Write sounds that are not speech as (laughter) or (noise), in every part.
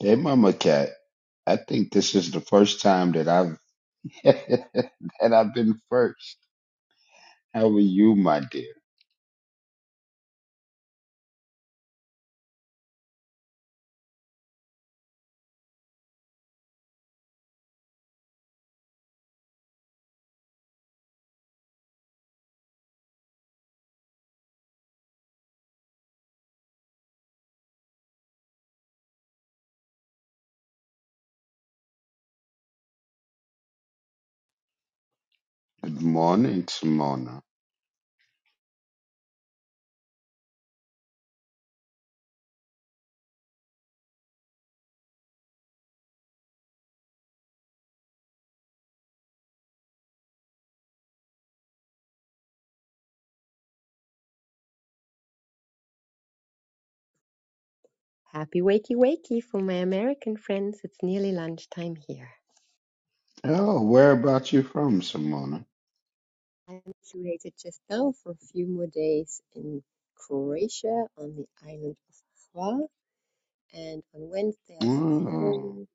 Hey, Mama Cat. I think this is the first time that I've (laughs) that I've been first. How are you, my dear? Good morning, Simona. Happy wakey wakey for my American friends. It's nearly lunchtime here. Oh, where about you from, Simona? I'm situated just now for a few more days in Croatia on the island of Hvar, and on Wednesday I fly Oh. home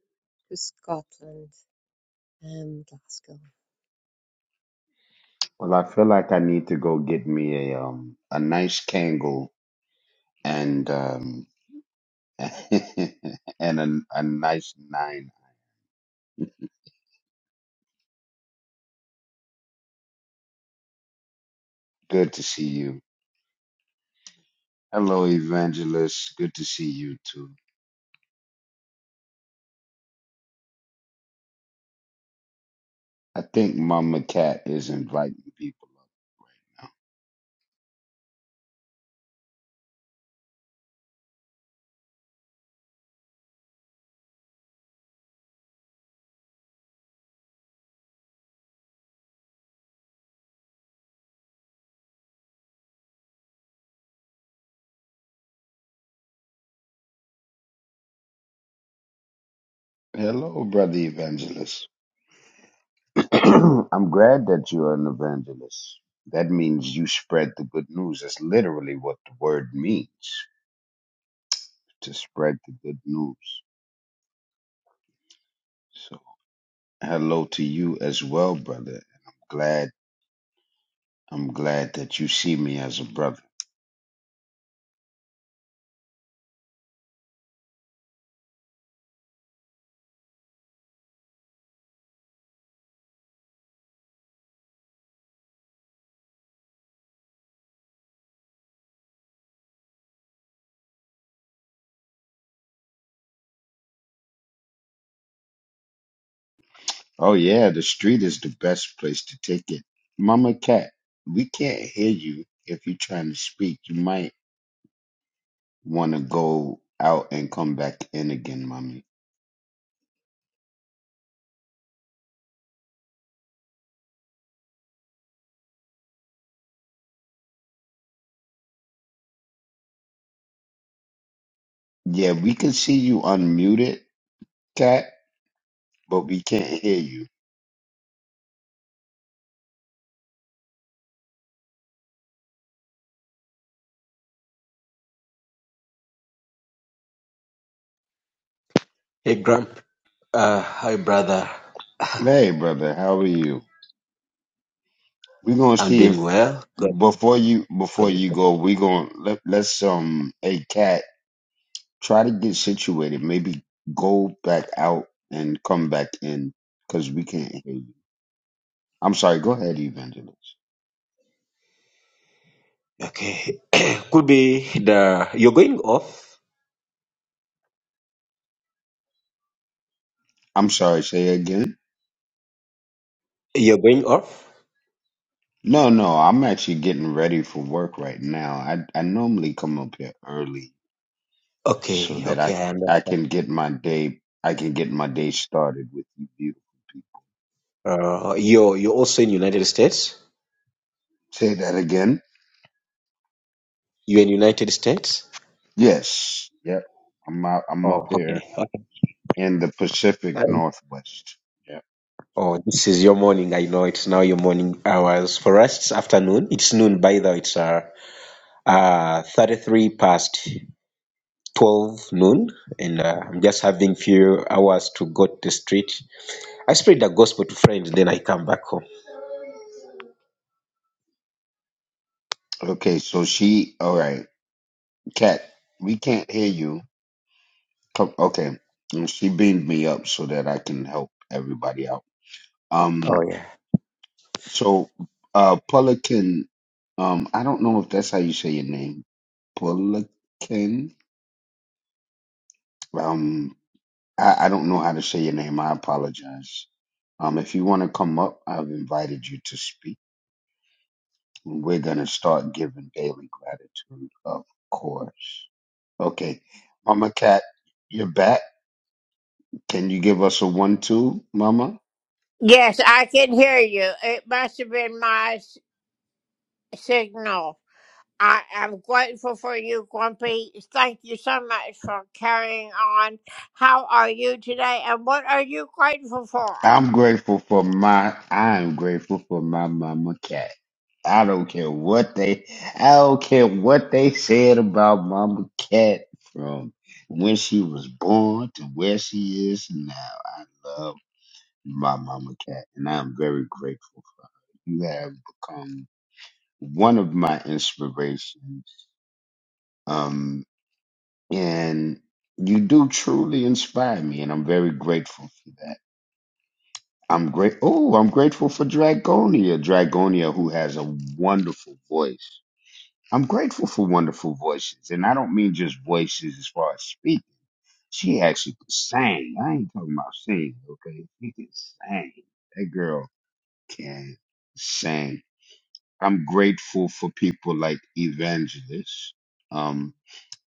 to Scotland, um, Glasgow. Well, I feel like I need to go get me a um a nice Kangol and um (laughs) and a, a nice nine. Good to see you. Hello, Evangelist. Good to see you too. I think Mama Cat is inviting people. Hello, brother evangelist. (clears throat) I'm glad that you're an evangelist. That means you spread the good news. That's literally what the word means to spread the good news. So, hello to you as well, brother. I'm glad. I'm glad that you see me as a brother. Oh yeah, the street is the best place to take it. Mama Cat, we can't hear you if you're trying to speak. You might want to go out and come back in again, mommy. Yeah, we can see you unmuted, Cat, but we can't hear you. Hey, Grump. Uh, hi, brother. (sighs) Hey, brother, how are you? We're gonna I'm see doing if well. God, before you God before is you fine. go, we're gonna let let's um hey Cat try to get situated. Maybe go back out and come back in because we can't hear you. I'm sorry. Go ahead, Evangelist. Okay. (clears throat) Could be the you're going off. I'm sorry. Say again. You're going off. No, no, I'm actually getting ready for work right now. I I normally come up here early so Okay. that I Okay, I I understand. can get my day I can get my day started with you beautiful people. Uh, you're you're also in United States. Say that again. You're in United States. Yes. Yep. I'm out, I'm up Oh, okay. here Okay. in the Pacific Um, Northwest. Yeah. Oh, this is your morning. I know it's now your morning hours. For us, it's afternoon. It's noon by the way. It's uh, uh 33 past 12 noon, and uh, I'm just having few hours to go to the street I spread the gospel to friends, then I come back home. Okay, so she all right. Cat, we can't hear you. Come, okay. And She beamed me up so that I can help everybody out. Oh Um yeah. so uh Pelican um I don't know if that's how you say your name. Pelican. Um I, I don't know how to say your name. I apologize. Um, if you want to come up, I've invited you to speak. We're going to start giving daily gratitude, of course. Okay. Mama Cat, you're back. Can you give us a one, two, Mama? Yes, I can hear you. It must have been my s- signal. I am grateful for you, Grumpy. Thank you so much for carrying on. How are you today, and what are you grateful for? I'm grateful for my, I am grateful for my Mama Cat. I don't care what they, I don't care what they said about Mama Cat from when she was born to where she is now. by Mama Cat, and I am very grateful. You have become one of my inspirations, um, and you do truly inspire me, and I'm very grateful for that. I'm great. Oh, I'm grateful for Dragonia, Dragonia, who has a wonderful voice. I'm grateful for wonderful voices, and I don't mean just voices as far as speaking. She actually can sing. I ain't talking about singing, okay? She can sing. That girl can sing I'm grateful for people like evangelists. Um,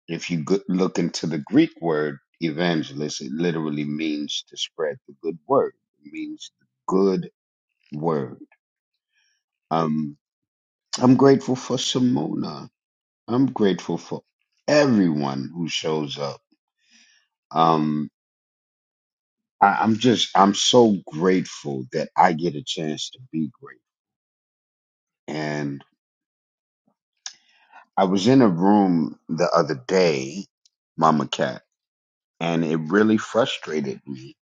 if you go- look into the Greek word evangelist, it literally means to spread the good word. It means the good word. Um, I'm grateful for Simona. I'm grateful for everyone who shows up. Um, I, I'm just, I'm so grateful that I get a chance to be great. And I was in a room the other day, Mama Cat. and it really frustrated me.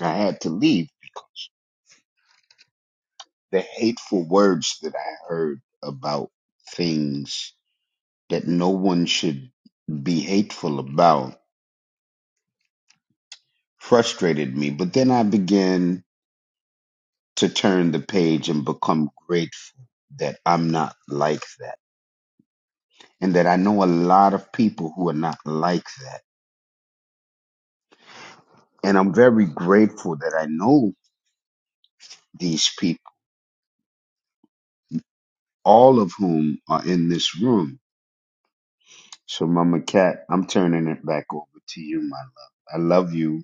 I had to leave because the hateful words that I heard about things that no one should be hateful about frustrated me. But then I began to turn the page and become grateful that I'm not like that and that I know a lot of people who are not like that. And I'm very grateful that I know these people, all of whom are in this room So, Mama Cat, I'm turning it back over to you, my love. I love you.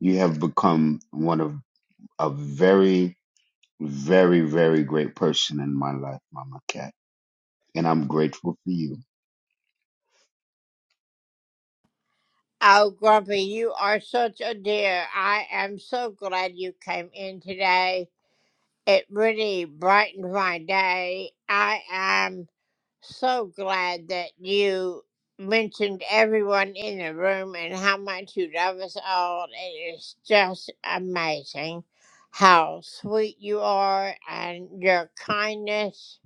You have become one of a very, very, very great person in my life, Mama Cat. And I'm grateful for you, Oh, Grumpy, you are such a dear. I am so glad you came in today. It really brightened my day. I am. So glad that you mentioned everyone in the room and how much you love us all. It is just amazing how sweet you are, and your kindness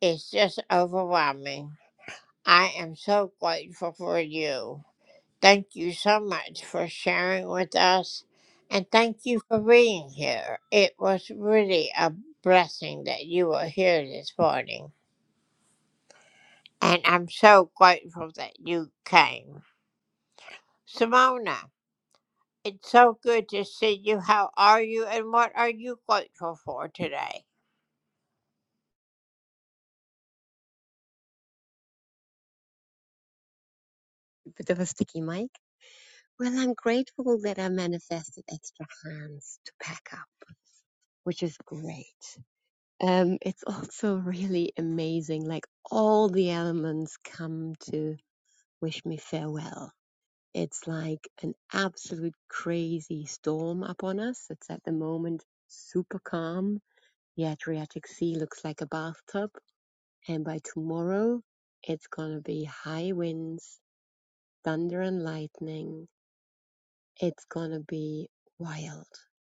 is just overwhelming. I am so grateful for you. Thank you so much for sharing with us, and thank you for being here. It was really a blessing that you were here this morning. And I'm so grateful that you came. Simona, it's so good to see you. How are you and what are you grateful for today? A Bit of a sticky mic. Well, I'm grateful that I manifested extra hands to pack up, which is great. Um, it's also really amazing, like all the elements come to wish me farewell It's like an absolute crazy storm upon us. It's at the moment super calm. The Adriatic Sea looks like a bathtub. And by tomorrow, it's gonna be high winds, thunder and lightning. It's gonna be wild.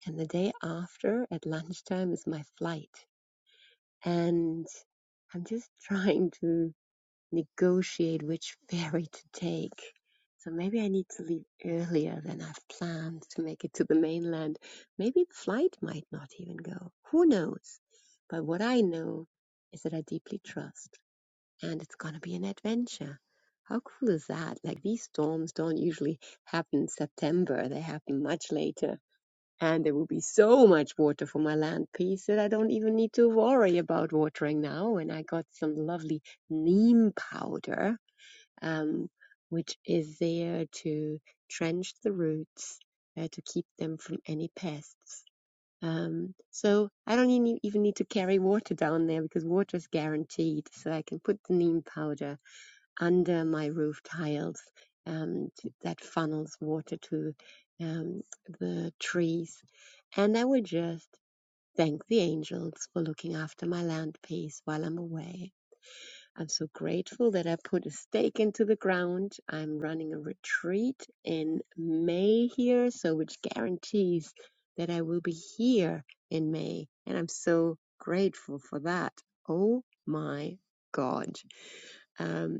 And the day after, at lunchtime, is my flight. And I'm just (laughs) trying to negotiate which (laughs) ferry to take. So maybe I need to leave earlier than I've planned to make it to the mainland. Maybe the flight might not even go. Who knows? But what I know is that I deeply trust and it's going to be an adventure. How cool is that? Like these storms don't usually happen in September. They happen much later and there will be so much water for my land piece that I don't even need to worry about watering now. And I got some lovely neem powder, um, which is there to trench the roots uh, to keep them from any pests. Um, so I don't even need, even need to carry water down there because water is guaranteed. So I can put the neem powder under my roof tiles um, that funnels water to um, the trees. And I would just thank the angels for looking after my land piece while I'm away. I'm so grateful that I put a stake into the ground. I'm running a retreat in May here, so which guarantees that I will be here in May. And I'm so grateful for that. Oh my God. Um,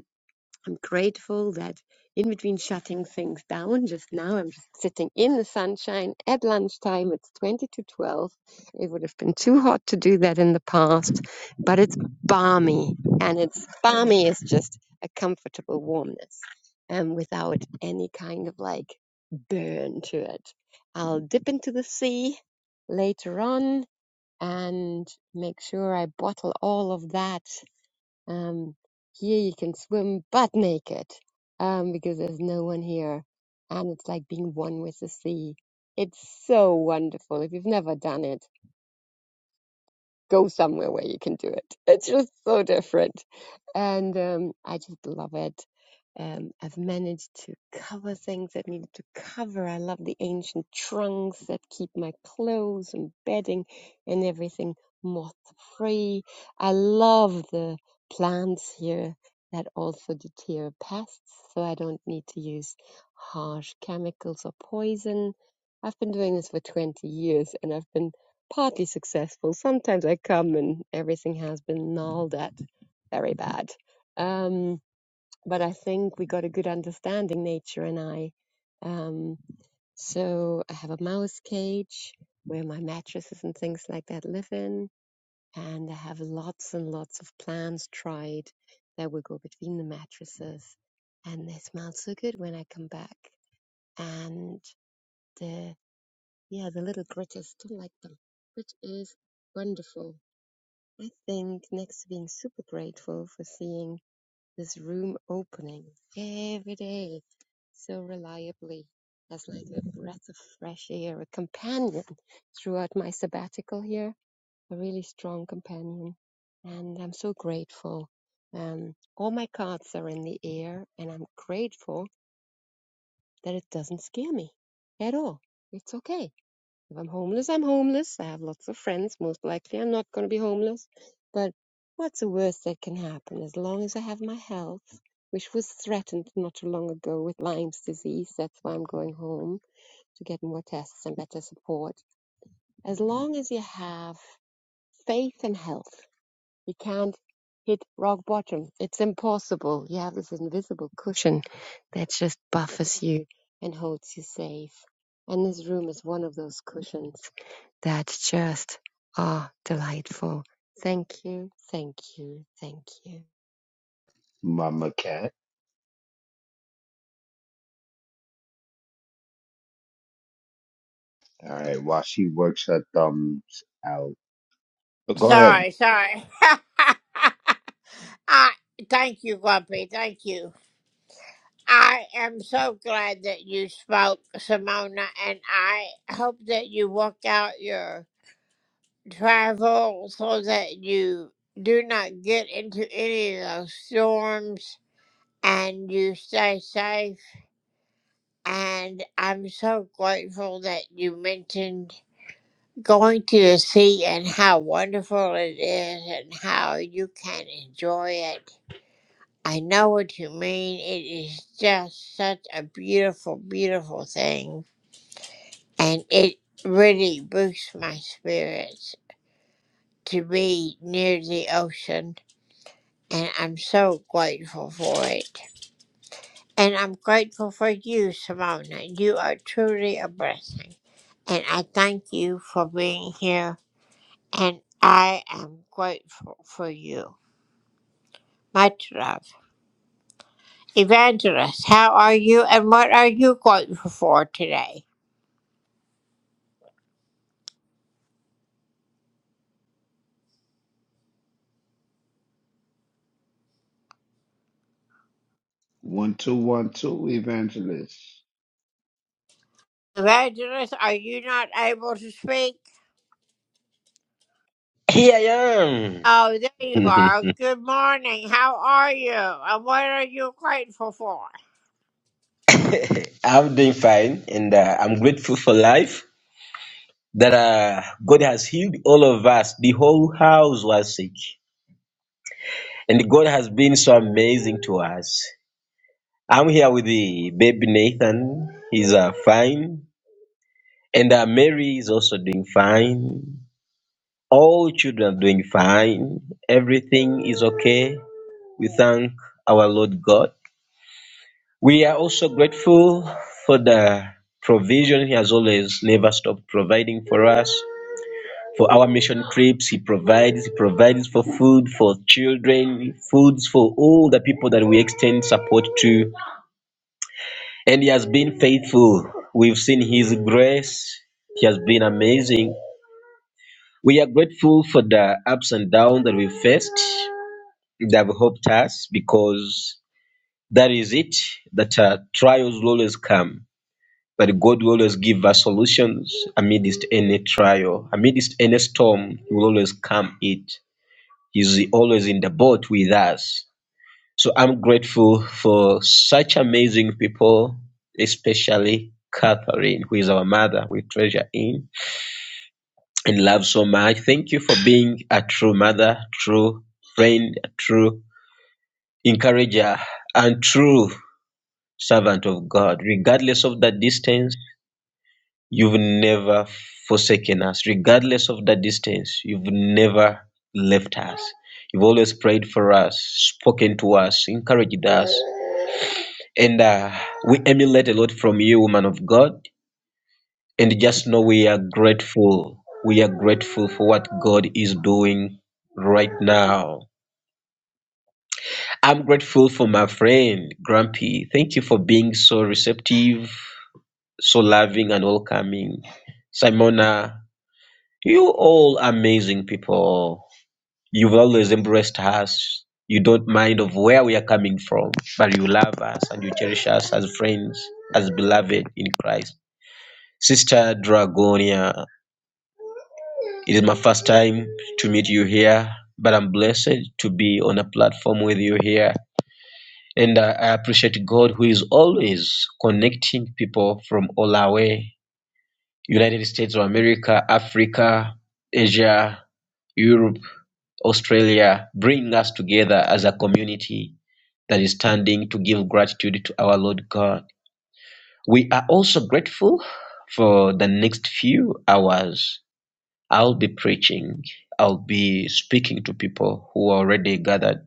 I'm grateful that in between shutting things down, just now I'm just sitting in the sunshine at lunchtime. It's 20 to 12. It would have been too hot to do that in the past, but it's balmy, and it's balmy is just a comfortable warmness um, without any kind of like burn to it. I'll dip into the sea later on and make sure I bottle all of that um, here you can swim butt naked um, because there's no one here. And it's like being one with the sea. It's so wonderful. If you've never done it, go somewhere where you can do it. (laughs) It's just so different. And um, I just love it. Um, I've managed to cover things that needed to cover. I love the ancient trunks that keep my clothes and bedding and everything moth free. I love the plants here that also deter pests, so I don't need to use harsh chemicals or poison. I've been doing this for 20 years and I've been partly successful. Sometimes I come and everything has been gnawed at very bad. Um, but I think we got a good understanding, nature and I. Um, so I have a mouse cage where my mattresses and things like that live in, and I have lots and lots of plants tried that will go between the mattresses, and they smell so good when I come back. And the yeah, the little critters don't like them, which is wonderful I think next to being super grateful for seeing this room opening every day so reliably as like a breath of fresh air, a companion throughout my sabbatical here, a really strong companion. And I'm so grateful. Um, all my cards are in the air, and I'm grateful that it doesn't scare me at all. It's okay if I'm homeless, I'm homeless. I have lots of friends. Most likely, I'm not going to be homeless. But what's the worst that can happen? As long as I have my health, which was threatened not too long ago with Lyme's disease, that's why I'm going home to get more tests and better support. As long as you have faith and health, you can't hit rock bottom. It's impossible. You have this invisible cushion that just buffers you and holds you safe. And this room is one of those cushions that just are delightful. Thank you, thank you, thank you. Mama Cat. All right, while she works her thumbs out. But go ahead. Sorry, sorry. (laughs) I, thank you, Grumpy. Thank you. I am so glad that you spoke, Simona, and I hope that you work out your travel so that you do not get into any of those storms and you stay safe And I'm so grateful that you mentioned going to the sea and how wonderful it is and how you can enjoy it. I know what you mean. It is just such a beautiful, beautiful thing. And it really boosts my spirits to be near the ocean. And I'm so grateful for it. And I'm grateful for you, Simona. You are truly a blessing. And I thank you for being here. And I am grateful for you. Much love. Evangelist, how are you and what are you grateful for today? One, two, one, two, evangelist. Evangelist, are you not able to speak? Here I am. Oh, there you are. (laughs) Good morning. How are you? And what are you grateful for? I'm doing fine, and uh, I'm grateful for life that uh, God has healed all of us. The whole house was sick, and God has been so amazing to us. I'm here with the baby Nathan. He's uh, fine, and uh, Mary is also doing fine. All children are doing fine. Everything is okay. We thank our Lord God. We are also grateful for the provision He has always never stopped providing for us. For our mission trips, He provides. He provides for food for children, foods for all the people that we extend support to. And He has been faithful. We've seen His grace. He has been amazing. We are grateful for the ups and downs that we faced that have helped us because that is it, that uh, trials will always come But God will always give us solutions amidst any trial, amidst any storm, He will always calm it. He's always in the boat with us. So I'm grateful for such amazing people, especially Catherine, who is our mother, we treasure in and love so much. Thank you for being a true mother, true friend, true encourager, and true servant of God, regardless of the distance You've never forsaken us, regardless of the distance. You've never left us. You've always prayed for us, spoken to us, encouraged us. And uh, we emulate a lot from you, woman of God. And just know we are grateful. We are grateful for what God is doing right now. I'm grateful for my friend, Grumpy. Thank you for being so receptive, so loving, and welcoming. Simona, You all amazing people. You've always embraced us. You don't mind of where we are coming from, but you love us and you cherish us as friends, as beloved in Christ. Sister Dragonia, it is my first time to meet you here, but I'm blessed to be on a platform with you here. And I I appreciate God who is always connecting people from all our way United States of America, Africa, Asia, Europe Australia, bring us together as a community that is standing to give gratitude to our Lord God. We are also grateful for the next few hours. I'll be preaching, I'll be speaking to people who are already gathered.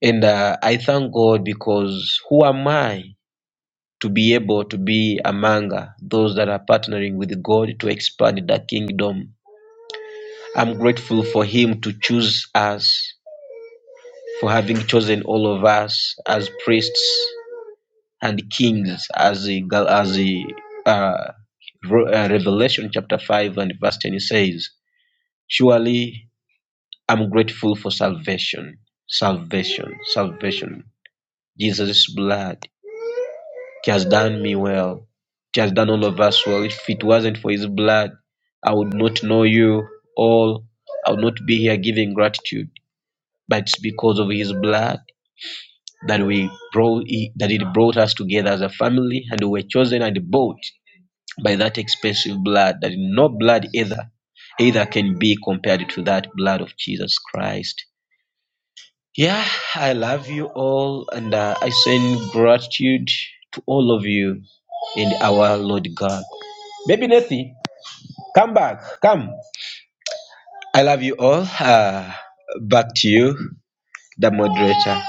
And uh, I thank God because who am I to be able to be among uh, those that are partnering with God to expand the kingdom? I'm grateful for Him to choose us for having chosen all of us as priests and kings, as the Gal- as the uh, Ro- uh, Revelation chapter five and verse ten says, "Surely I'm grateful for salvation, salvation, salvation. Jesus' blood He has done me well. He has done all of us well. If it wasn't for His blood, I would not know you all. I would not be here giving gratitude. But it's because of His blood." that we brought that it brought us together as a family and we were chosen and bought by that expensive blood that no blood either either can be compared to that blood of jesus christ yeah i love you all and uh, i send gratitude to all of you in our lord god baby Nathy, come back come i love you all uh, back to you the moderator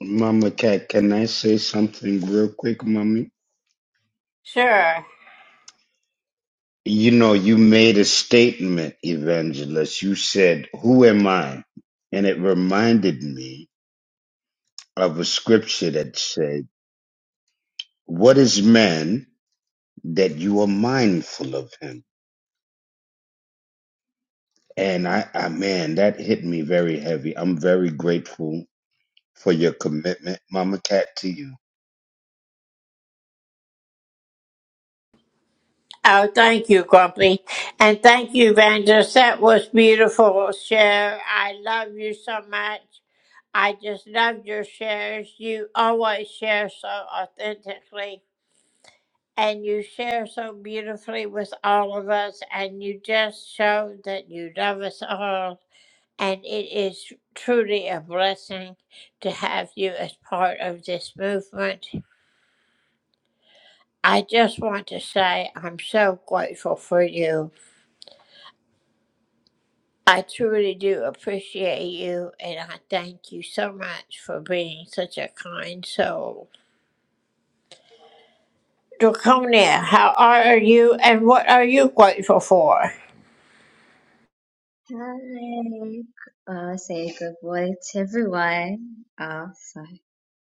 Mama Cat, can I say something real quick, Mommy? Sure. You know, you made a statement, evangelist. You said, Who am I? And it reminded me of a scripture that said, What is man that you are mindful of him? And I, I man, that hit me very heavy. I'm very grateful for your commitment, Mama Cat, to you. Oh, thank you, Grumpy. And thank you, Vandus. That was beautiful, share. I love you so much. I just love your shares. You always share so authentically and you share so beautifully with all of us. And you just show that you love us all. And it is truly a blessing to have you as part of this movement. I just want to say I'm so grateful for you. I truly do appreciate you, and I thank you so much for being such a kind soul. Draconia, how are you, and what are you grateful for? Hi, uh, say good morning to everyone. Uh, so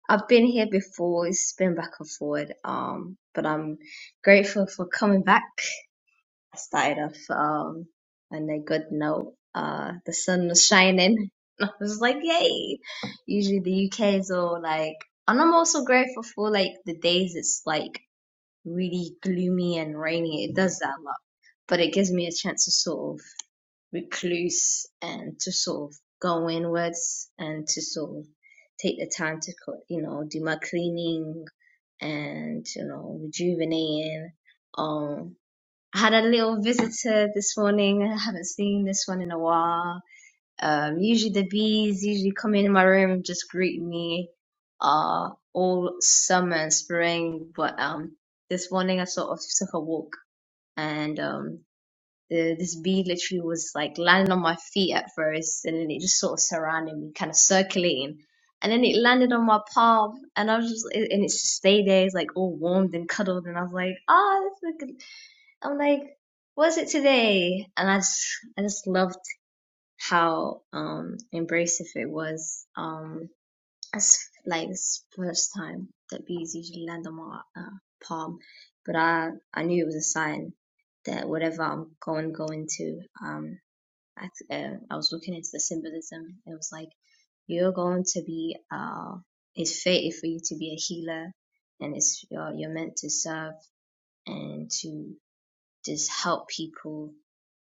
I've been here before, it's been back and forward, um, but I'm grateful for coming back. I started off um, on a good note. Uh, the sun was shining. (laughs) I was like, yay! Usually the UK is all like, and I'm also grateful for like the days it's like really gloomy and rainy. It does that a lot, but it gives me a chance to sort of recluse and to sort of go inwards and to sort of take the time to you know do my cleaning and you know rejuvenating um I had a little visitor this morning. I haven't seen this one in a while. Um, usually the bees usually come in my room and just greet me, uh, all summer and spring. But, um, this morning I sort of took a walk and, um the this bee literally was like landing on my feet at first and then it just sort of surrounded me kind of circulating and then it landed on my palm and i was just and and it just stayed there it's like all warmed and cuddled and i was like ah, this is good. i'm like was it today and i just i just loved how um embracive it was um. It's like this first time that bees usually land on my uh, palm, but I I knew it was a sign that whatever I'm going going to um I, uh, I was looking into the symbolism. It was like you're going to be uh it's fated for you to be a healer, and it's you're you're meant to serve and to just help people.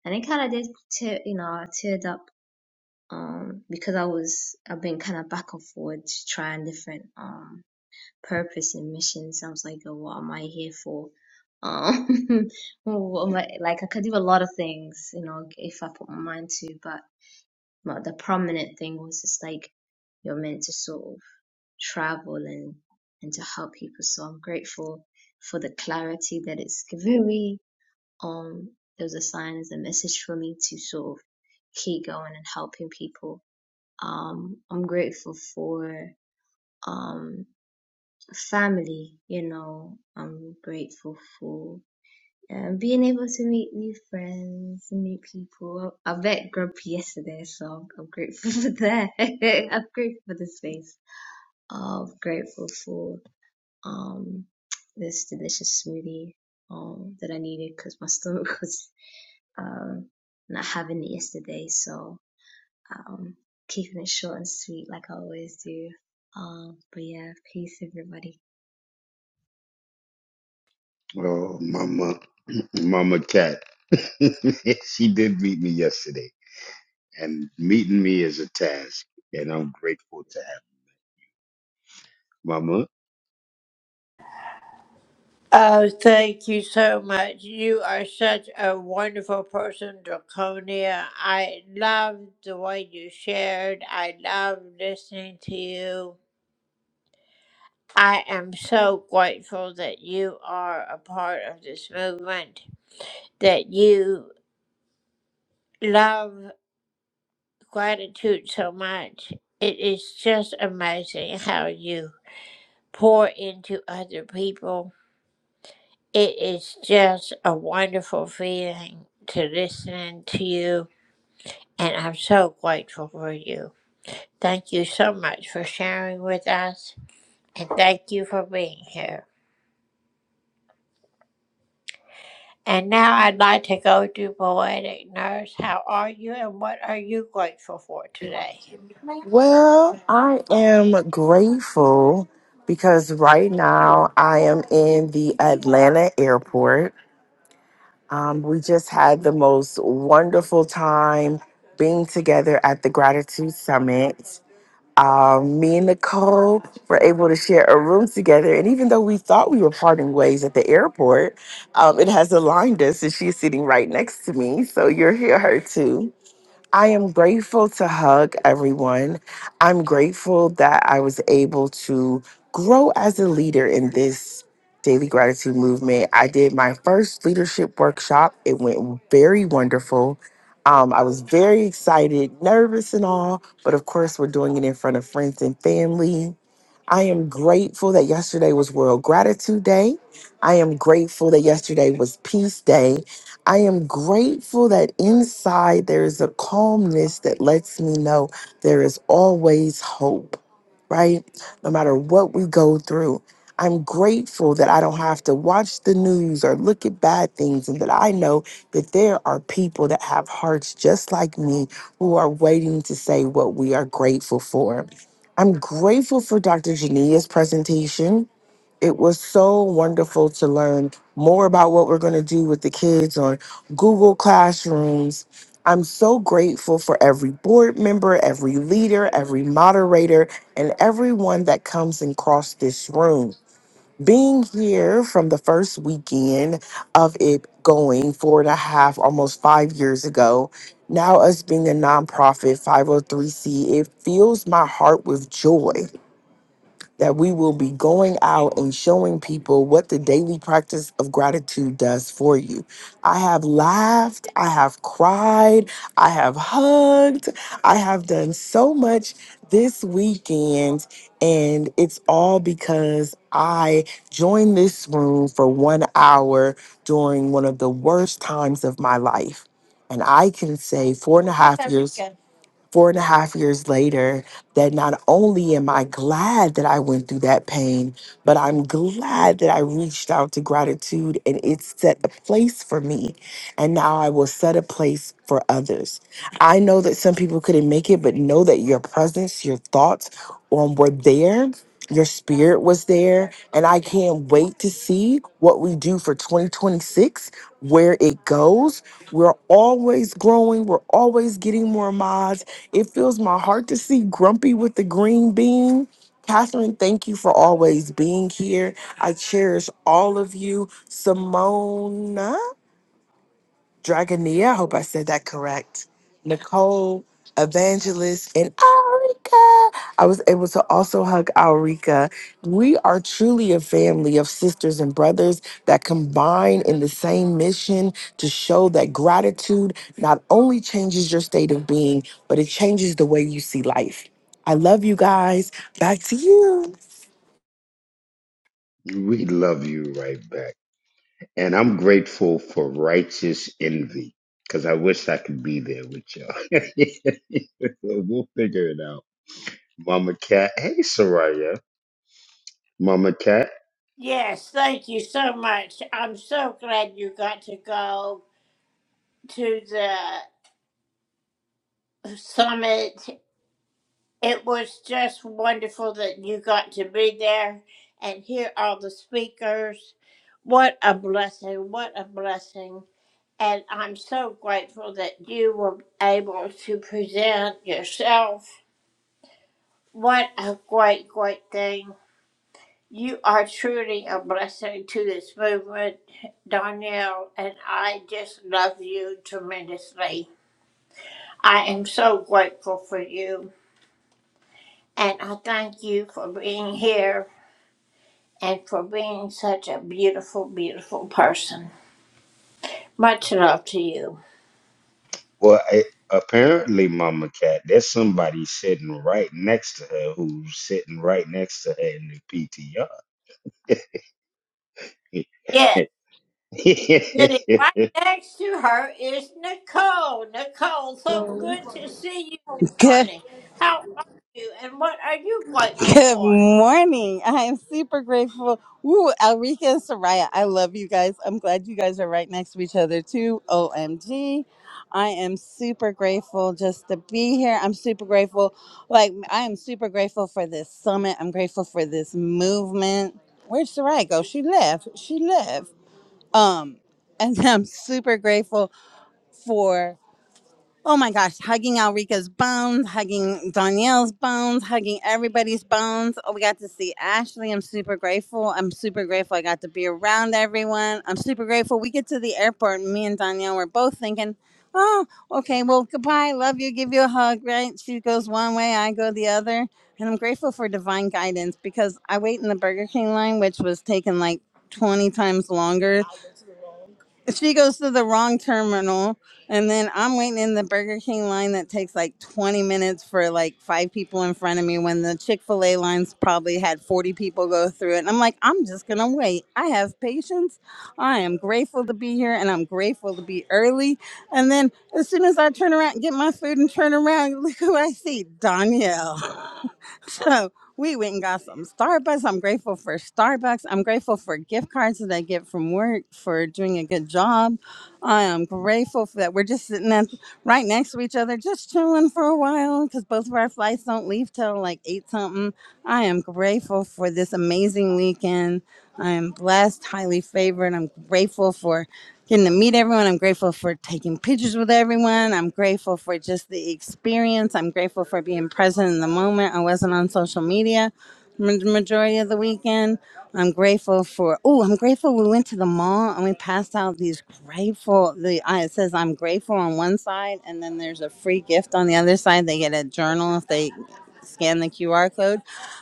And it kind of did tear you know I teared up um because I was I've been kind of back and forward trying different um purpose and mission sounds like a what am I here for? Um, (laughs) what am I- like I could do a lot of things, you know, if I put my mind to, but but the prominent thing was just like you're meant to sort of travel and and to help people. So I'm grateful for the clarity that it's given me. Um, there was a sign as a message for me to sort of keep going and helping people. Um, I'm grateful for. um family, you know, I'm grateful for. Um, being able to meet new friends meet people. I, I met Grump yesterday, so I'm, I'm grateful (laughs) for that. (laughs) I'm grateful for the space. I'm grateful for um this delicious smoothie um that I needed because my stomach (laughs) was um not having it yesterday, so um keeping it short and sweet like I always do. Um, but yeah, peace everybody. Oh, Mama, (clears throat) Mama Cat. (laughs) she did meet me yesterday, and meeting me is a task, and I'm grateful to have her. Mama. Oh, thank you so much. You are such a wonderful person, Draconia. I love the way you shared. I love listening to you. I am so grateful that you are a part of this movement, that you love gratitude so much. It is just amazing how you pour into other people. It is just a wonderful feeling to listen to you, and I'm so grateful for you. Thank you so much for sharing with us, and thank you for being here. And now I'd like to go to Poetic Nurse. How are you, and what are you grateful for today? Well, I am grateful because right now I am in the Atlanta airport. Um, we just had the most wonderful time being together at the Gratitude Summit. Um, me and Nicole were able to share a room together. And even though we thought we were parting ways at the airport, um, it has aligned us, and she's sitting right next to me. So you're here, her too. I am grateful to hug everyone. I'm grateful that I was able to grow as a leader in this daily gratitude movement. I did my first leadership workshop, it went very wonderful. Um, I was very excited, nervous, and all, but of course, we're doing it in front of friends and family. I am grateful that yesterday was World Gratitude Day. I am grateful that yesterday was Peace Day. I am grateful that inside there is a calmness that lets me know there is always hope, right? No matter what we go through. I'm grateful that I don't have to watch the news or look at bad things, and that I know that there are people that have hearts just like me who are waiting to say what we are grateful for. I'm grateful for Dr. Jania's presentation. It was so wonderful to learn more about what we're going to do with the kids on Google Classrooms. I'm so grateful for every board member, every leader, every moderator, and everyone that comes and across this room. Being here from the first weekend of it going four and a half, almost five years ago, now us being a nonprofit 503c, it fills my heart with joy that we will be going out and showing people what the daily practice of gratitude does for you. I have laughed, I have cried, I have hugged, I have done so much this weekend, and it's all because I joined this room for one hour during one of the worst times of my life. And I can say four and a half years four and a half years later that not only am I glad that I went through that pain, but I'm glad that I reached out to gratitude and it set a place for me. And now I will set a place for others. I know that some people couldn't make it, but know that your presence, your thoughts um, were there. Your spirit was there, and I can't wait to see what we do for 2026, where it goes. We're always growing, we're always getting more mods, it fills my heart to see Grumpy with the green bean. Catherine, thank you for always being here. I cherish all of you. Simona. Dragonia, I hope I said that correct. Nicole, Evangelist, and Alrika. I was able to also hug Alrika. We are truly a family of sisters and brothers that combine in the same mission to show that gratitude not only changes your state of being, but it changes the way you see life. I love you guys. Back to you. We love you right back. And I'm grateful for righteous envy because I wish I could be there with y'all. (laughs) we'll figure it out. Mama Cat. Hey, Soraya. Mama Cat. Yes, thank you so much. I'm so glad you got to go. to the summit. It was just wonderful that you got to be there and hear all the speakers. What a blessing! What a blessing! And I'm so grateful that you were able to present yourself. What a great, great thing. You are truly a blessing to this movement, Donnell, and I just love you tremendously. I am so grateful for you. And I thank you for being here and for being such a beautiful, beautiful person. Much love to you. Well, I, apparently, Mama Cat, there's somebody sitting right next to her who's sitting right next to her in the Yes, PTR. sitting right (laughs) next to her is Nicole. Nicole, so good to see you this Good morning. How are you and what are you grateful good for? morning. I am super grateful. Woo, Alrika and Soraya, I love you guys. I'm glad you guys are right next to each other too. OMG. I am super grateful just to be here. I'm super grateful. Like I am super grateful for this summit. I'm grateful for this movement. Where'd Soraya go? She left. She left. Um, (laughs) and I'm super grateful oh my gosh, hugging Alrika's bones, hugging Danielle's bones, hugging everybody's bones. Oh, we got to see Ashley. I'm super grateful. I'm super grateful I got to be around everyone. I'm super grateful. We get to the airport, and me and Danielle were both thinking, oh, okay, well, goodbye. Love you. Give you a hug, right? She goes one way, I go the other. And I'm grateful for divine guidance because I wait in the Burger King line, which was taking like 20 times longer she goes to the wrong terminal and then i'm waiting in the burger king line that takes like 20 minutes for like five people in front of me when the chick-fil-a lines probably had 40 people go through it and i'm like i'm just gonna wait i have patience i am grateful to be here and i'm grateful to be early and then as soon as i turn around and get my food and turn around (laughs) look who i see danielle (laughs) so we went and got some Starbucks. I'm grateful for Starbucks. I'm grateful for gift cards that I get from work for doing a good job. I am grateful for that we're just sitting at, right next to each other, just chilling for a while because both of our flights don't leave till like eight something. I am grateful for this amazing weekend. I am blessed, highly favored. I'm grateful for getting to meet everyone. I'm grateful for taking pictures with everyone. I'm grateful for just the experience. I'm grateful for being present in the moment. I wasn't on social media ma- the majority of the weekend. I'm grateful for, oh, I'm grateful we went to the mall and we passed out these grateful, the uh, it says I'm grateful on one side and then there's a free gift on the other side. They get a journal if they scan the QR code.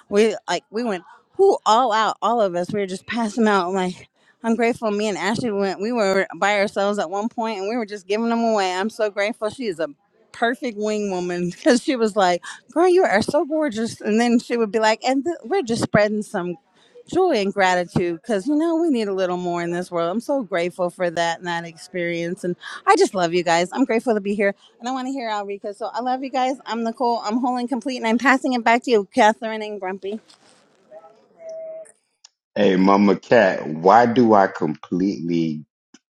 We like, we went, who all out, all of us, we were just passing out like, I'm grateful. Me and Ashley went. We were by ourselves at one point, and we were just giving them away. I'm so grateful. She is a perfect wing woman (laughs) because she was like, "Girl, you are so gorgeous," and then she would be like, "And th- we're just spreading some joy and gratitude because you know we need a little more in this world." I'm so grateful for that and that experience, and I just love you guys. I'm grateful to be here, and I want to hear Alrika. So I love you guys. I'm Nicole. I'm whole and complete, and I'm passing it back to you, Catherine and Grumpy. hey, Mama Cat, why do I completely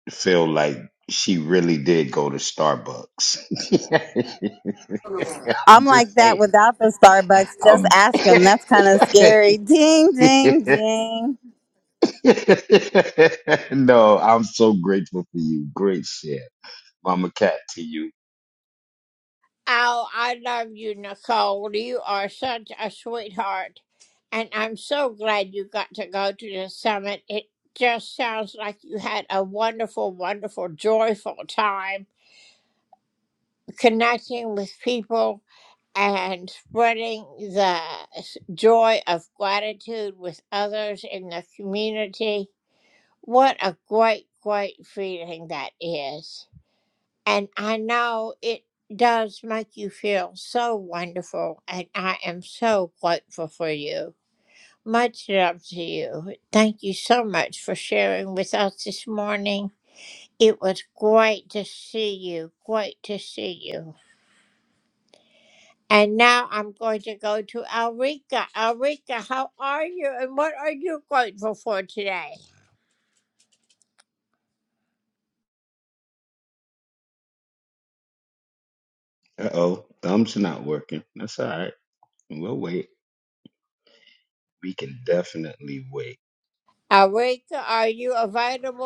feel like she really did go to Starbucks. (laughs) I'm I'm just like that saying. without the Starbucks. Just I'm ask them. That's kind of scary. Ding, ding, (laughs) ding. no, I'm so grateful for you. Great shit. Mama cat to you. Oh, I love you, Nicole. You are such a sweetheart. And I'm so glad you got to go to the summit. It just sounds like you had a wonderful, wonderful, joyful time connecting with people and spreading the s- joy of gratitude with others in the community. What a great, great feeling that is. And I know it does make you feel so wonderful, and I am so grateful for you. Much love to you. Thank you so much for sharing with us this morning. It was great to see you. Great to see you. And now I'm going to go to Alrika. Alrika, how are you and what are you grateful for today? Uh oh, thumbs not working. That's all right. We'll wait. We can definitely wait. Alrika, are you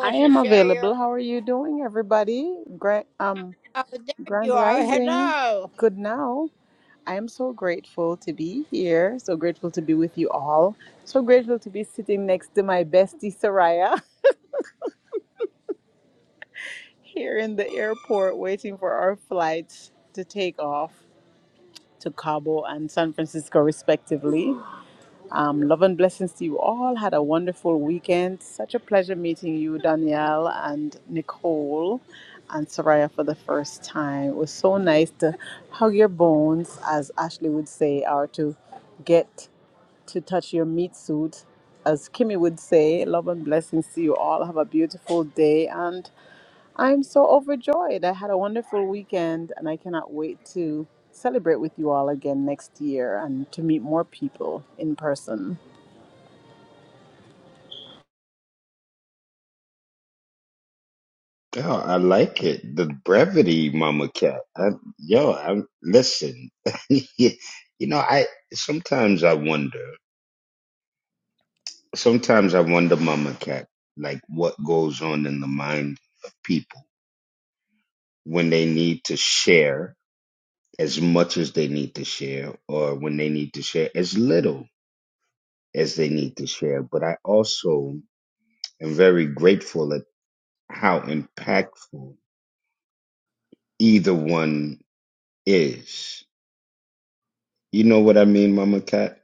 I to am share available. your? How are you doing, everybody? Grand, um, Oh, there you Grand are. Rising. Hello. Good now. I am so grateful to be here. So grateful to be with you all. So grateful to be sitting next to my bestie Soraya (laughs) here in the airport, waiting for our flights to take off to Cabo and San Francisco, respectively. Um, love and blessings to you all. Had a wonderful weekend. Such a pleasure meeting you, Danielle and Nicole and Soraya for the first time. It was so nice to hug your bones, as Ashley would say, or to get to touch your meat suit, as Kimmy would say. Love and blessings to you all. Have a beautiful day. And I'm so overjoyed. I had a wonderful weekend and I cannot wait to celebrate with you all again next year and to meet more people in person. Girl, I like it. The brevity, Mama Cat. I, yo, I'm listen. (laughs) you know, I sometimes I wonder. Sometimes I wonder, Mama Cat, like what goes on in the mind of people when they need to share as much as they need to share, or when they need to share as little as they need to share. But I also am very grateful at how impactful either one is. You know what I mean, Mama Cat?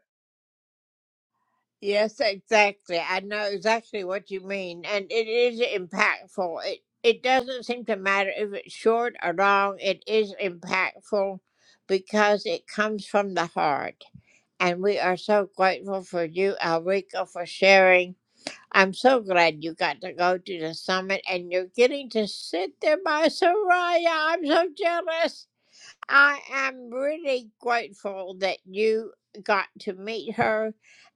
Yes, exactly. I know exactly what you mean, and it is impactful. It it doesn't seem to matter if it's short or long. It is impactful because it comes from the heart. And we are so grateful for you, Alrico, for sharing. I'm so glad you got to go to the summit and you're getting to sit there by Soraya. I'm so jealous. I am really grateful that you got to meet her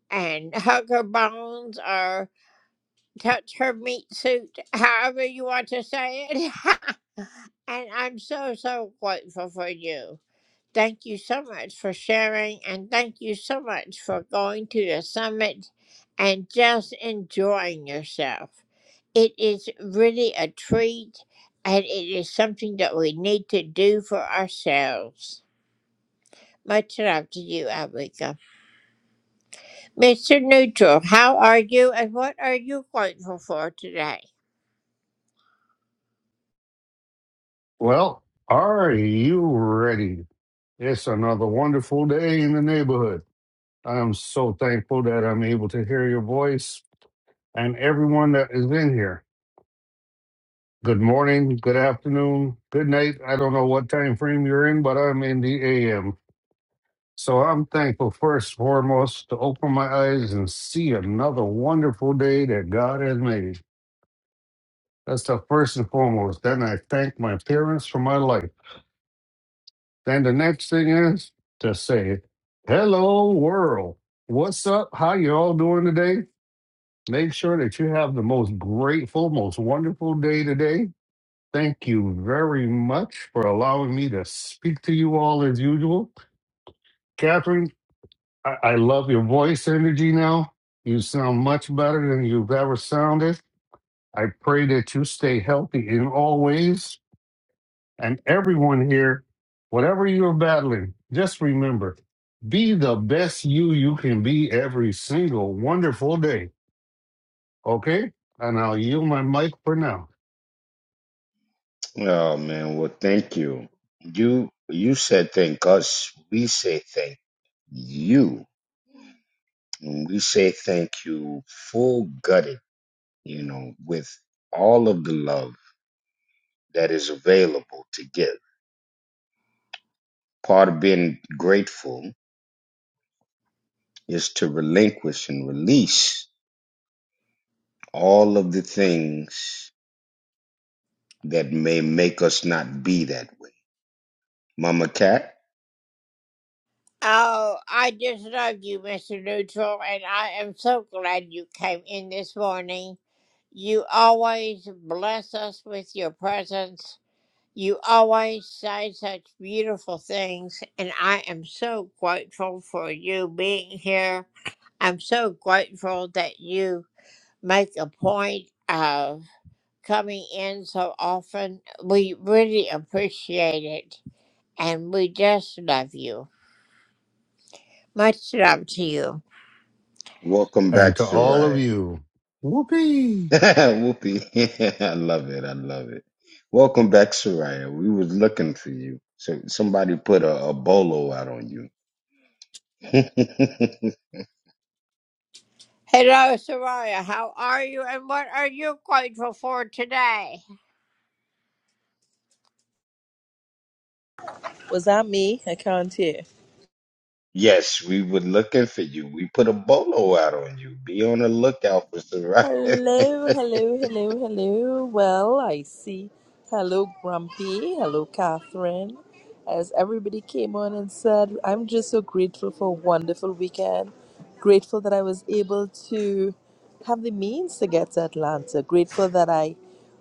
and hug her bones or touch her meat suit, however you want to say it. (laughs) and I'm so, so grateful for you. Thank you so much for sharing and thank you so much for going to the summit and just enjoying yourself. It is really a treat and it is something that we need to do for ourselves. Much love to you, Ablika. Mr. Neutral, how are you and what are you grateful for today? Well, are you ready? It's another wonderful day in the neighborhood. I am so thankful that I'm able to hear your voice and everyone that is in here. Good morning, good afternoon, good night. I don't know what time frame you're in, but I'm in the AM. So I'm thankful first and foremost to open my eyes and see another wonderful day that God has made. That's the first and foremost. Then I thank my parents for my life. Then the next thing is to say, "Hello, world. What's up? How you all doing today? Make sure that you have the most grateful, most wonderful day today. Thank you very much for allowing me to speak to you all as usual, Catherine. I, I love your voice energy now. You sound much better than you've ever sounded. I pray that you stay healthy in all ways and everyone here, whatever you're battling, just remember be the best you you can be every single wonderful day. Okay? And I'll yield my mic for now. Oh man, well thank you. You you said thank us. We say thank you And we say thank you full gutted, you know, with all of the love that is available to give. Part of being grateful is to relinquish and release all of the things that may make us not be that way. Mama Cat, Oh, I just love you, Mr. Neutral, and I am so glad you came in this morning. You always bless us with your presence. You always say such beautiful things, and I am so grateful for you being here. I'm so grateful that you make a point of coming in so often. We really appreciate it, and we just love you. Much love to you. welcome And back, to all of Soraya. you, whoopee. (laughs) Whoopi, (laughs) I love it. I love it. Welcome back, Soraya. We was looking for you. So somebody put a, a bolo out on you. (laughs) Hello, Soraya. How are you, and what are you grateful for today? Was that me? I can't hear. Yes, we were looking for you. We put a bolo out on you. Be on the lookout for Soraya. (laughs) Hello, hello, hello, hello. Well, I see. Hello, Grumpy. Hello, Catherine. As everybody came on and said, I'm just so grateful for a wonderful weekend. Grateful that I was able to have the means to get to Atlanta. Grateful that I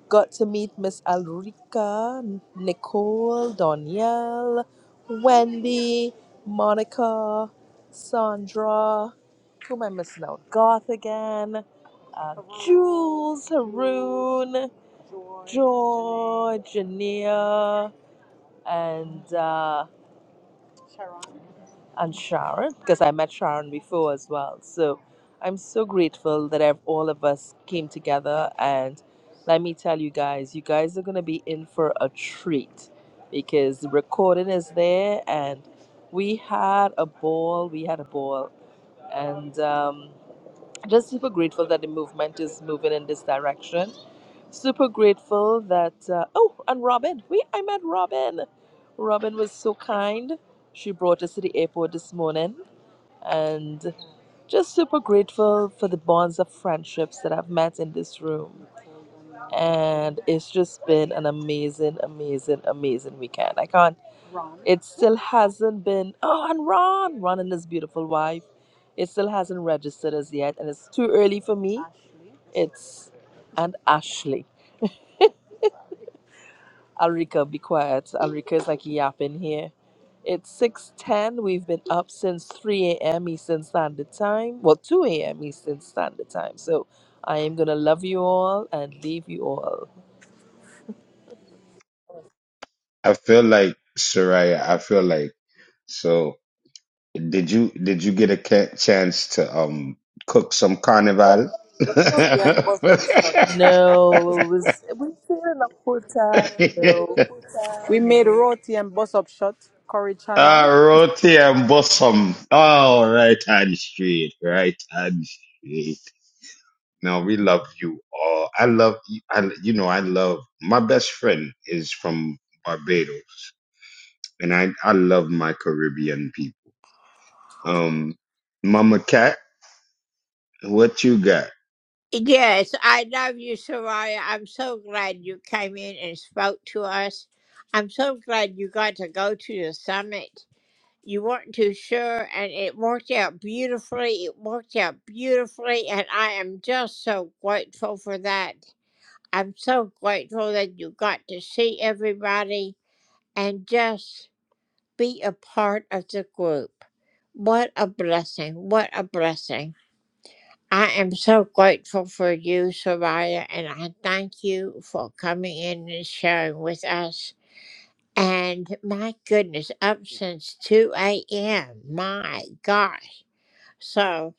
got to meet Miss Alrika, Nicole, Danielle, Wendy, Monica, Sandra. Who am I missing out? Garth again uh, Jules, Haroon, George, Jania, and uh, and Sharon, because I met Sharon before as well. So I'm so grateful that I've, all of us came together. And let me tell you guys, you guys are gonna be in for a treat because the recording is there, and we had a ball. We had a ball, and. Um, Just super grateful that the movement is moving in this direction. Super grateful that uh, oh, and Robin, we I met Robin. Robin was so kind. She brought us to the airport this morning, and just super grateful for the bonds of friendships that I've met in this room and it's just been an amazing, amazing, amazing weekend. I can't. It still hasn't been. Oh, and Ron, Ron and his beautiful wife. It still hasn't registered as yet, and it's too early for me. It's and Ashley. Alrika, be quiet. Alrika is like yapping here. It's six ten. We've been up since three a.m. Eastern Standard Time. Well, two a.m. Eastern Standard Time. So I am gonna love you all and leave you all. I feel like Soraya. I feel like so. Did you did you get a ca- chance to um cook some carnival? No, it (laughs) was we stayed in a hotel. No. We made roti and bus up shot, curry Ah, chana, roti and bosom. All right, hand straight. Right hand straight. No, we love you all. I love you. I, you know, I love my best friend is from Barbados, and I, I love my Caribbean people. Um, Mama Cat, what you got? Yes, I love you, Soraya. I'm so glad you came in and spoke to us. I'm so glad you got to go to the summit. You weren't too sure, and it worked out beautifully. It worked out beautifully, and I am just so grateful for that. I'm so grateful that you got to see everybody and just be a part of the group. What a blessing. What a blessing. I am so grateful for you, Soraya, and I thank you for coming in and sharing with us. And my goodness, up since 2 a.m. My gosh. So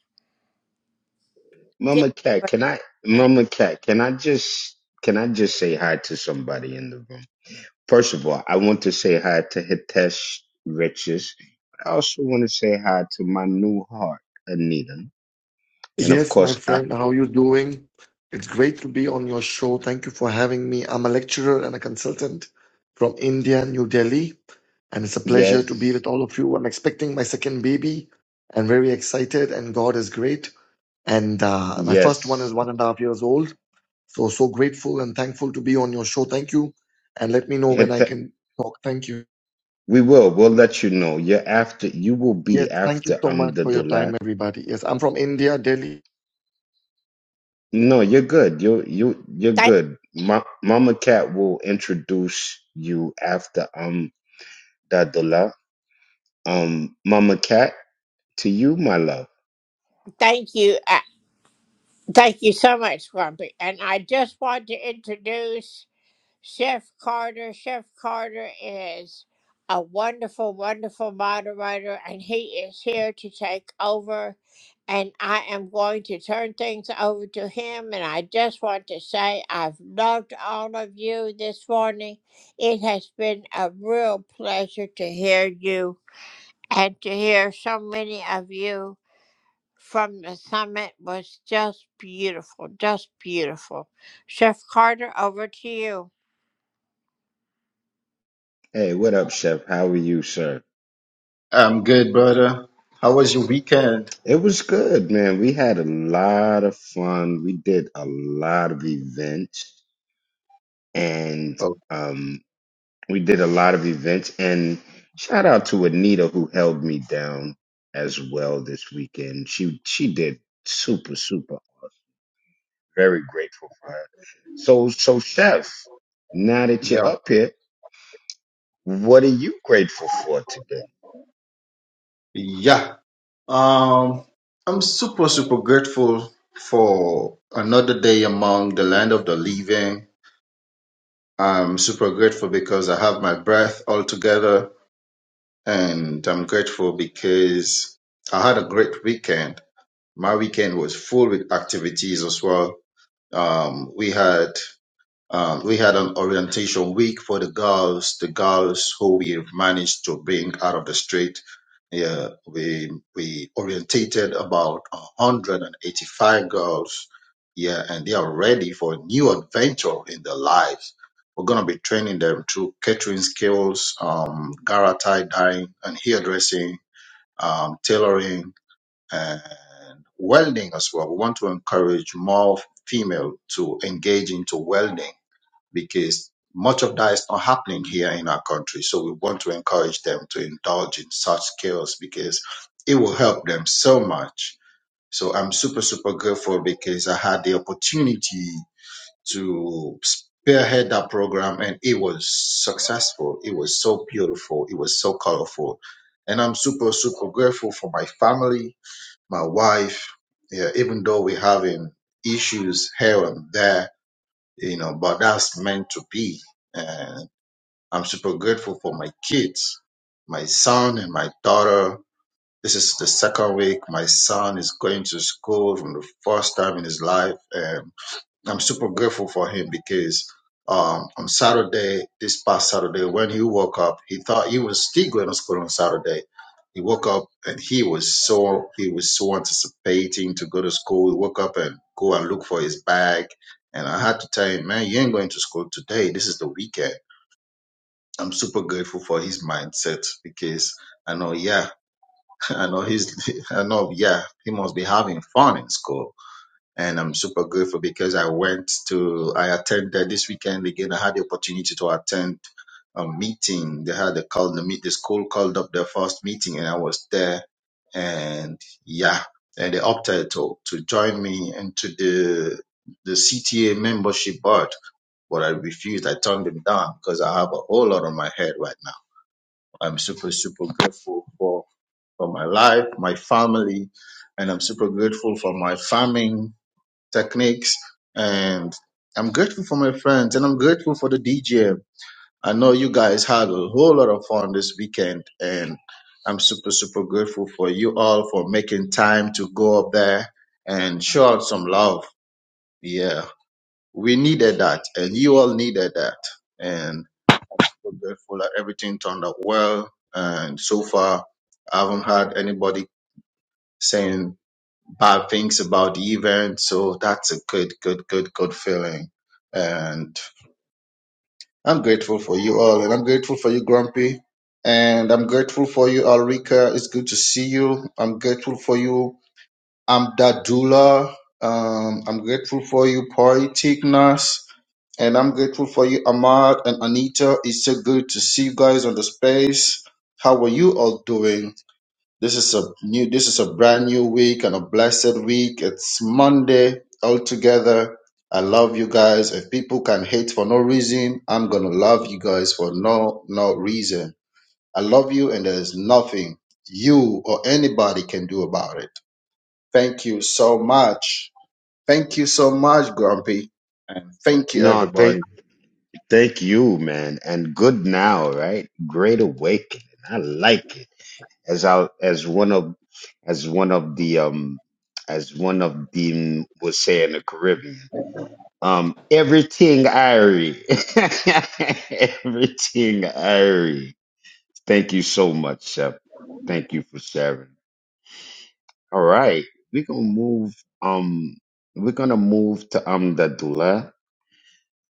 get Mama Cat, your can I? thing. Mama Cat, can I just can I just say hi to somebody in the room? First of all, I want to say hi to Hitesh Riches. I also want to say hi to my new heart, Anita, and of Yes, my course, I, friend, how you doing? It's great to be on your show. Thank you for having me. I'm a lecturer and a consultant from India, New Delhi, and it's a pleasure to be yes, with all of you. I'm expecting my second baby and very excited, and God is great. And uh, my first one is yes. one and a half years old. So, so grateful and thankful to be on your show. Thank you. And let me know when I Hitesh. can talk. Thank you. We will. We'll let you know. You're after. You will Yes, be thank you after so I'm much the for your dollar. time, everybody. Yes, I'm from India, Delhi. No, you're good. You you you're Thank, good. Ma- Mama Cat will introduce you after I'm the dollar. Um, Mama Cat, to you, my love. thank you. Uh, thank you so much, Grumpy. And I just want to introduce Chef Carter. Chef Carter is a wonderful, wonderful moderator, and he is here to take over. And I am going to turn things over to him. And I just want to say I've loved all of you this morning. It has been a real pleasure to hear you and to hear so many of you from the summit was just beautiful, just beautiful. Chef Carter, over to you. Hey, what up, Chef? How are you, sir? I'm good, brother. How was your weekend? It was good, man. We had a lot of fun. We did a lot of events, and Oh, um. We did a lot of events, and shout out to Anita who held me down as well this weekend. She she did super super. Very grateful for her. So so chef, now that you're yeah. up here, what are you grateful for today? Yeah. Um, I'm super, super grateful for another day among the land of the living. I'm super grateful because I have my breath altogether, and I'm grateful because I had a great weekend. My weekend was full with activities as well. Um, we had Um, we had an orientation week for the girls, the girls who we have managed to bring out of the street. Yeah, we we orientated about 185 girls. Yeah, and they are ready for a new adventure in their lives. We're gonna be training them through catering skills, um, gara tie dyeing and hairdressing, um, tailoring and welding as well. We want to encourage more female to engage into welding because much of that is not happening here in our country. So we want to encourage them to indulge in such skills because it will help them so much. So I'm super, super grateful because I had the opportunity to spearhead that program and it was successful. It was so beautiful. It was so colorful. And I'm super, super grateful for my family, my wife. Yeah, even though we're having issues here and there, you know, but that's meant to be. And I'm super grateful for my kids, my son and my daughter. This is the second week. My son is going to school from the first time in his life. I'm super grateful for him because um, on Saturday, this past Saturday, when he woke up, he thought he was still going to school on Saturday. He woke up and he was so he was so anticipating to go to school. He woke up and go and look for his bag, and I had to tell him, "Man, you ain't going to school today. This is the weekend." I'm super grateful for his mindset because I know, yeah, (laughs) I know he's, (laughs) I know, yeah, he must be having fun in school and I'm super grateful because I went to I attended this weekend again. I had the opportunity to attend a meeting. They had a call the meet the school called up their first meeting, and I was there. And yeah, and they opted to to join me into the the CTA membership board, but I refused. I turned them down because I have a whole lot on my head right now. I'm super super grateful for for my life, my family, and I'm super grateful for my farming techniques. And I'm grateful for my friends and I'm grateful for the DJ. I know you guys had a whole lot of fun this weekend and I'm super, super grateful for you all for making time to go up there and show out some love. Yeah, we needed that and you all needed that. And I'm grateful that everything turned out well. And so far, I haven't had anybody saying bad things about the event. So that's a good, good, good, good feeling. And I'm grateful for you all. And I'm grateful for you, Grumpy. And I'm grateful for you, Alrika. It's good to see you. I'm grateful for you, Amdadullah. Um, I'm grateful for you, Poeticness. And I'm grateful for you, Ahmad and Anita. It's so good to see you guys on the space. How are you all doing? This is a new this is a brand new week and a blessed week. It's Monday all together. I love you guys. If people can hate for no reason, I'm gonna love you guys for no no reason. I love you and there's nothing you or anybody can do about it. Thank you so much. Thank you so much, Grumpy. And thank you No, thank everybody. thank you, man, and good now, right? Great awakening. I like it. As I as one of as one of the um as one of the was saying in the Caribbean. Um, everything I read. (laughs) everything I read. Thank you so much, Shep. Thank you for sharing. All right. We're gonna move um we're gonna move to Amdadullah.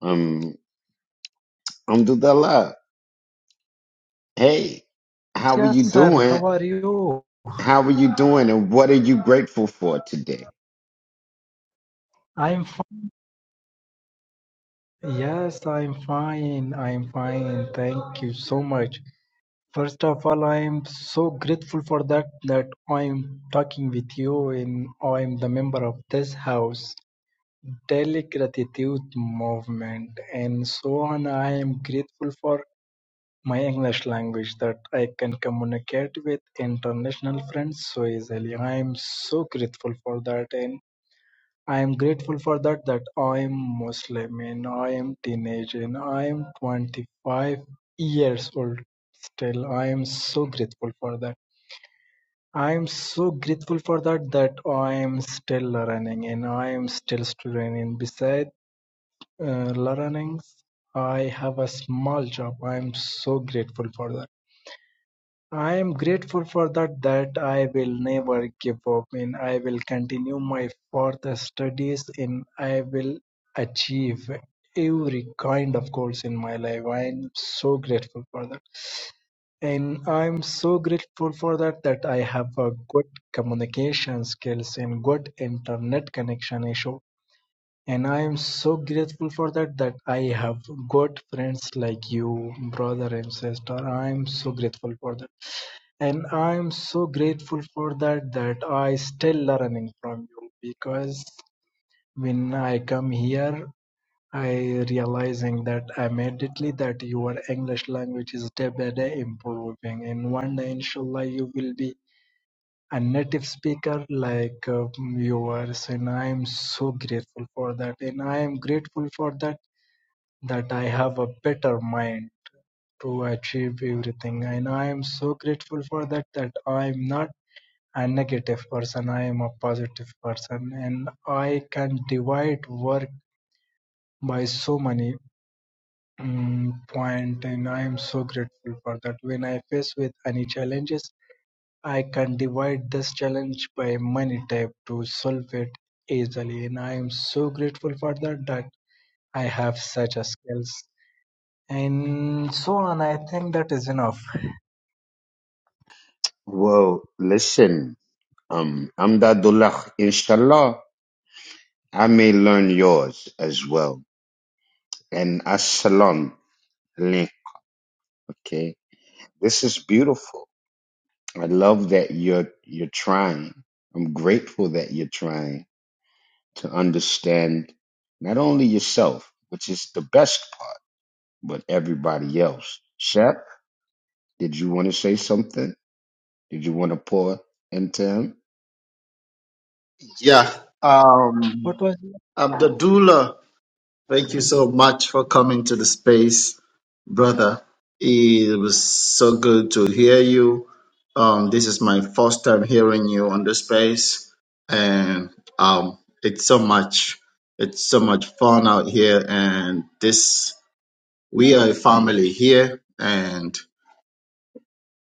Um Amdadullah, hey, how are you Yes, sir. doing? How are you? How are you doing and what are you grateful for today? I'm fine. Yes, I'm fine. I'm fine. Thank you so much. First of all, I'm so grateful for that that I'm talking with you and I'm the member of this house, Daily Gratitude Movement, and so on. I am grateful for my English language that I can communicate with international friends so easily. I am so grateful for that, and I am grateful for that that I am Muslim and I am teenage and I am 25 years old still I am so grateful for that I am so grateful for that that I am still learning and I am still student and beside uh, learnings I have a small job I am so grateful for that I am grateful for that that I will never give up and I will continue my further studies and I will achieve every kind of goals in my life. I am so grateful for that. And I'm so grateful for that that I have a good communication skills and good internet connection issue. And I am so grateful for that that I have good friends like you, brother and sister. I am so grateful for that. And I'm so grateful for that that I still learning from you because when I come here, I realizing that immediately that your English language is day by day improving. And one day, inshallah, you will be a native speaker like uh, yours. And I'm so grateful for that. And I am grateful for that that I have a better mind to achieve everything. And I am so grateful for that that I'm not a negative person i am a positive person and i can divide work by so many mm point and i am so grateful for that when i face with any challenges i can divide this challenge by many type to solve it easily and i am so grateful for that that i have such a skills and so on i think that is enough Well, listen, um Amdadullah, inshallah, I may learn yours as well. And assalam. Leh. Okay. This is beautiful. I love that you're you're trying. I'm grateful that you're trying to understand not only yourself, which is the best part, but everybody else. Shep, did you want to say something? Did you want to pour into him? Yeah. what Um was Abdullah. Thank you so much for coming to the space, brother. It was so good to hear you. Um, this is my first time hearing you on the space, and um, it's so much, it's so much fun out here. And this, we are a family here, and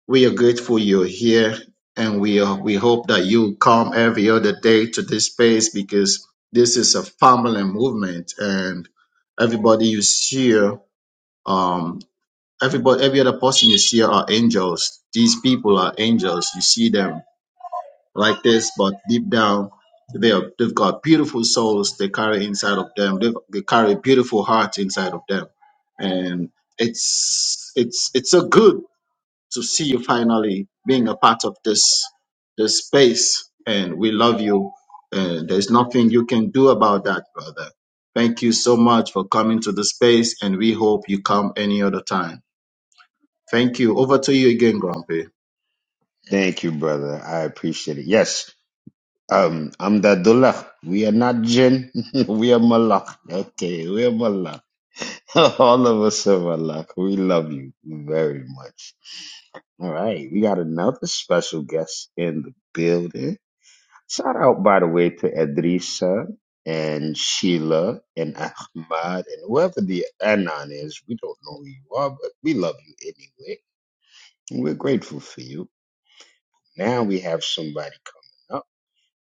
we are grateful you're here, and we are, we hope that you come every other day to this space because this is a family movement, and everybody you see, here, um, everybody, every other person you see are angels. These people are angels. You see them like this, but deep down, they are, they've got beautiful souls they carry inside of them. They've, they carry beautiful hearts inside of them, and it's it's it's so good to see you finally being a part of this this space and we love you and there's nothing you can do about that brother thank you so much for coming to the space and we hope you come any other time thank you over to you again grumpy Thank you, brother. I appreciate it. Yes. Um, I'm Dadullah. We are not jinn. (laughs) we are malak. Okay, we are malak. (laughs) All of us are malak. We love you very much. All right, we got another special guest in the building. Shout out, by the way, to Edrisa and Sheila and Ahmad and whoever the Anon is. We don't know who you are, but we love you anyway. And we're grateful for you. Now we have somebody coming up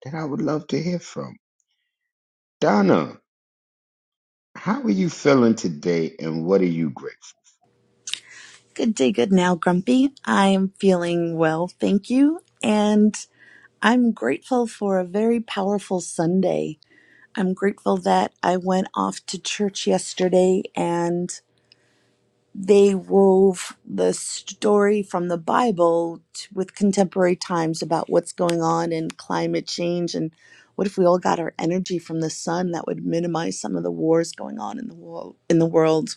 that I would love to hear from. Donna, how are you feeling today and what are you grateful Good day, good now, Grumpy. I'm feeling well, thank you. And I'm grateful for a very powerful Sunday. I'm grateful that I went off to church yesterday and they wove the story from the Bible t with contemporary times about what's going on in climate change and what if we all got our energy from the sun that would minimize some of the wars going on in the world in the world.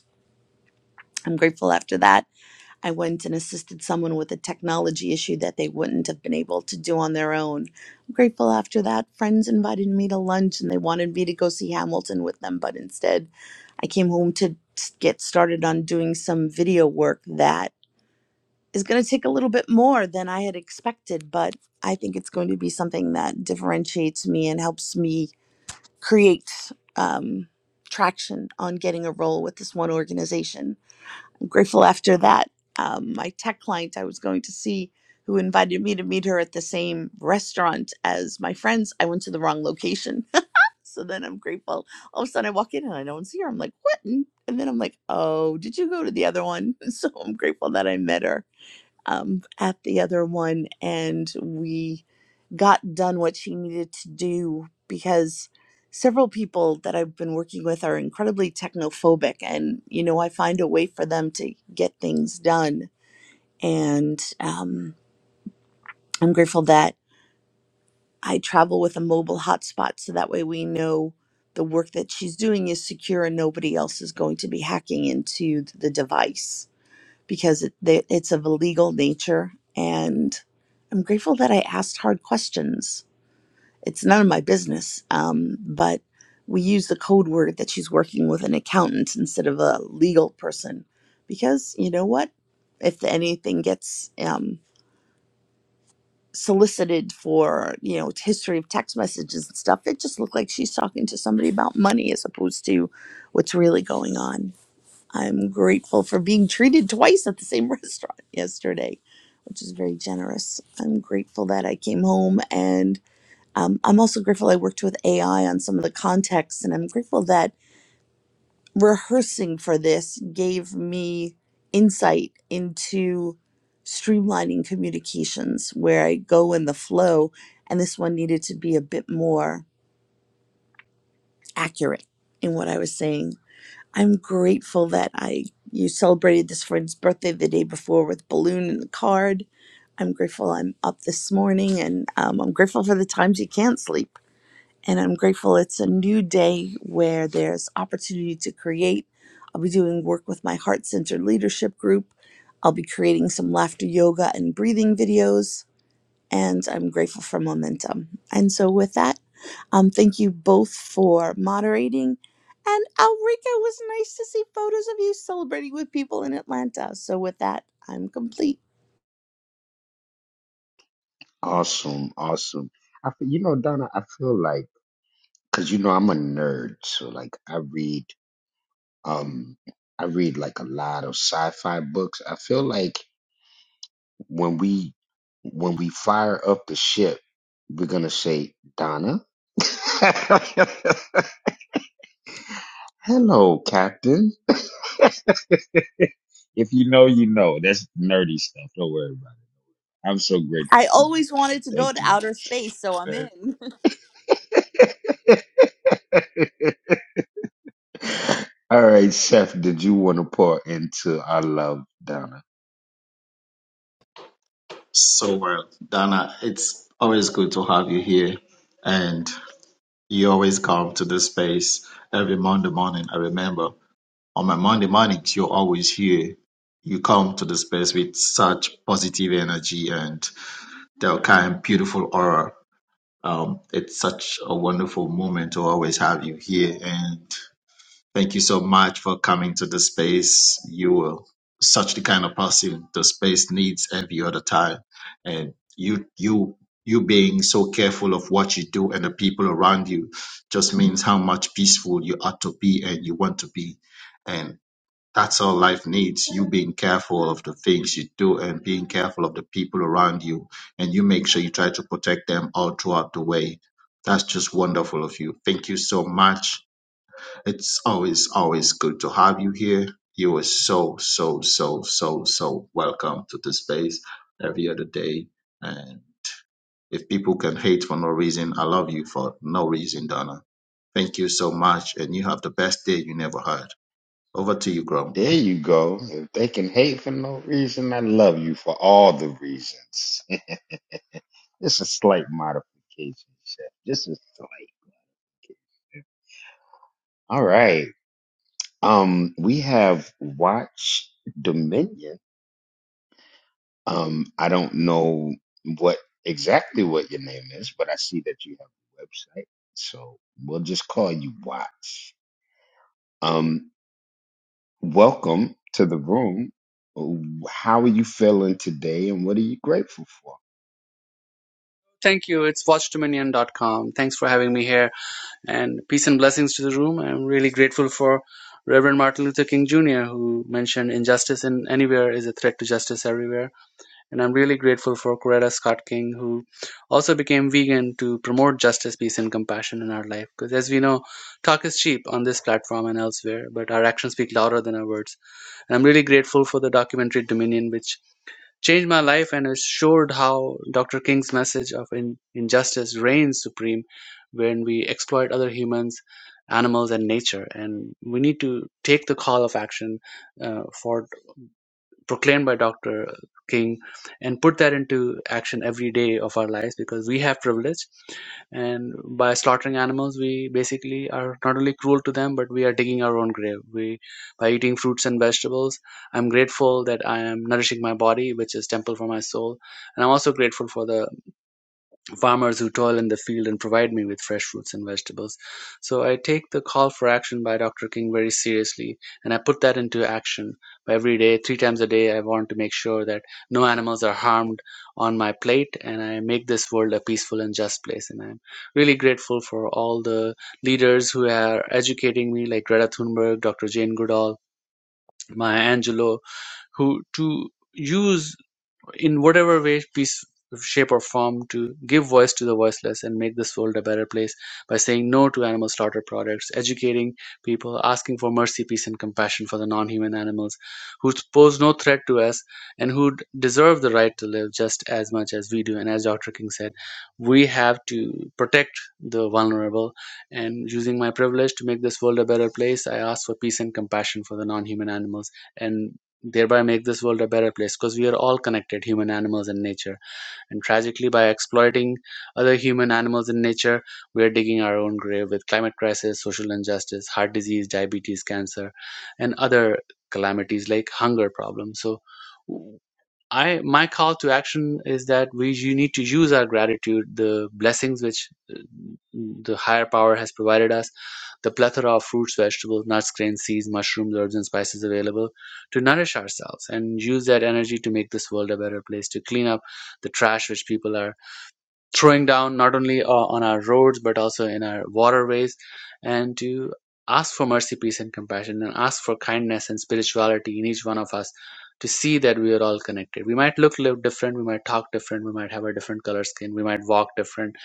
I'm grateful after that I went and assisted someone with a technology issue that they wouldn't have been able to do on their own. I'm grateful after that, friends invited me to lunch and they wanted me to go see Hamilton with them, but instead I came home to get started on doing some video work that is going to take a little bit more than I had expected, but I think it's going to be something that differentiates me and helps me create um, traction on getting a role with this one organization I'm grateful after that. Um, my tech client I was going to see, who invited me to meet her at the same restaurant as my friends, I went to the wrong location. (laughs) so then I'm grateful. All of a sudden I walk in and I don't see her. I'm like, what? And and then I'm like, oh, did you go to the other one? (laughs) So I'm grateful that I met her um, at the other one, and we got done what she needed to do because several people that I've been working with are incredibly technophobic, and you know, I find a way for them to get things done. And um, I'm grateful that I travel with a mobile hotspot so that way we know the work that she's doing is secure and nobody else is going to be hacking into the device because it, they, it's of a legal nature. And I'm grateful that I asked hard questions. It's none of my business, um, but we use the code word that she's working with an accountant instead of a legal person because you know what? If anything gets um, solicited for, you know, history of text messages and stuff, it just looked like she's talking to somebody about money as opposed to what's really going on. I'm grateful for being treated twice at the same (laughs) restaurant yesterday, which is very generous. I'm grateful that I came home and um, I'm also grateful I worked with AI on some of the context. And I'm grateful that rehearsing for this gave me insight into streamlining communications where I go in the flow. And this one needed to be a bit more accurate in what I was saying I'm grateful that I you celebrated this friend's birthday the day before with balloon and the card. I'm grateful I'm up this morning, and um, I'm grateful for the times you can't sleep. And I'm grateful it's a new day where there's opportunity to create. I'll be doing work with my heart centered leadership group. I'll be creating some laughter yoga and breathing videos and I'm grateful for momentum. And so, with that, um, thank you both for moderating. And Alrika, it was nice to see photos of you celebrating with people in Atlanta. So, with that, I'm complete. for? Awesome, awesome. I, feel- you know, Donna, I feel like, because you know, I'm a nerd, so like I read. Um, I read like a lot of sci-fi books. I feel like when we when we fire up the ship, we're gonna say, Donna. (laughs) Hello, Captain. If you know, you know. That's nerdy stuff. Don't worry about it. I'm so grateful I for you. always wanted to Donna. go Thank to you outer space, so I'm very in. (laughs) much. (laughs) All right, Chef, did you want to pour into I love Donna? so well dana it's always good to have you here and you always come to this space every monday morning i remember on my monday mornings you're always here you come to the space with such positive energy and Del Kind, beautiful aura. Um, it's such a wonderful moment to always have you here. And thank you so much for coming to the space. You are such the kind of person the space needs every other time. And you, you, you being so careful of what you do and the people around you just means how much peaceful you ought to be and you want to be. and. That's all life needs. You being careful of the things you do and being careful of the people around you. And you make sure you try to protect them all throughout the way. That's just wonderful of you. Thank you so much. It's always, always good to have you here. You are so, so, so, so, so welcome to this space every other day. And if people can hate for no reason, I love you for no reason, Donna. Thank you so much. And you have the best day you never had. Over to you, Grump. There you go. If they can hate for no reason, I love you for all the reasons. Just a slight modification, Chef. Just a slight. All right. Um, we have Watch Dominion. Um, I don't know what exactly what your name is, but I see that you have a website, so we'll just call you Watch. Um, welcome to the room. How are you feeling today, and what are you grateful for? Thank you. It's watchdominion.com. Thanks for having me here and peace and blessings to the room. I'm really grateful for Reverend Martin Luther King Jr., who mentioned injustice in anywhere is a threat to justice everywhere. And I'm really grateful for Coretta Scott King, who also became vegan to promote justice, peace, and compassion in our life. Because as we know, talk is cheap on this platform and elsewhere, but our actions speak louder than our words. And I'm really grateful for the documentary Dominion, which changed my life and it showed how Dr. King's message of in, injustice reigns supreme when we exploit other humans, animals, and nature. And we need to take the call of action uh, for proclaimed by Dr. King and put that into action every day of our lives because we have privilege and by slaughtering animals we basically are not only cruel to them but we are digging our own grave we by eating fruits and vegetables i'm grateful that i am nourishing my body which is temple for my soul and i'm also grateful for the farmers who toil in the field and provide me with fresh fruits and vegetables. So I take the call for action by Dr. King very seriously and I put that into action every day, three times a day. I want to make sure that no animals are harmed on my plate and I make this world a peaceful and just place. And I'm really grateful for all the leaders who are educating me, like Greta Thunberg, Dr. Jane Goodall, Maya Angelou, who to use in whatever way, piece, shape, or form to give voice to the voiceless and make this world a better place by saying no to animal slaughter products, educating people, asking for mercy, peace, and compassion for the non human animals who pose no threat to us and who d- deserve the right to live just as much as we do. And as Dr. King said, we have to protect the vulnerable. And using my privilege to make this world a better place, I ask for peace and compassion for the non human animals. And thereby make this world a better place because we are all connected human animals and nature and tragically by exploiting other human animals and nature we are digging our own grave with climate crisis social injustice heart disease diabetes cancer and other calamities like hunger problems so I my call to action is that we you need to use our gratitude, the blessings which uh, the higher power has provided us, the plethora of fruits, vegetables, nuts, grains, seeds, mushrooms, herbs, and spices available to nourish ourselves and use that energy to make this world a better place, to clean up the trash which people are throwing down not only uh, on our roads but also in our waterways and to ask for mercy peace and compassion and ask for kindness and spirituality in each one of us to see that we are all connected we might look live different we might talk different we might have a different color skin we might walk different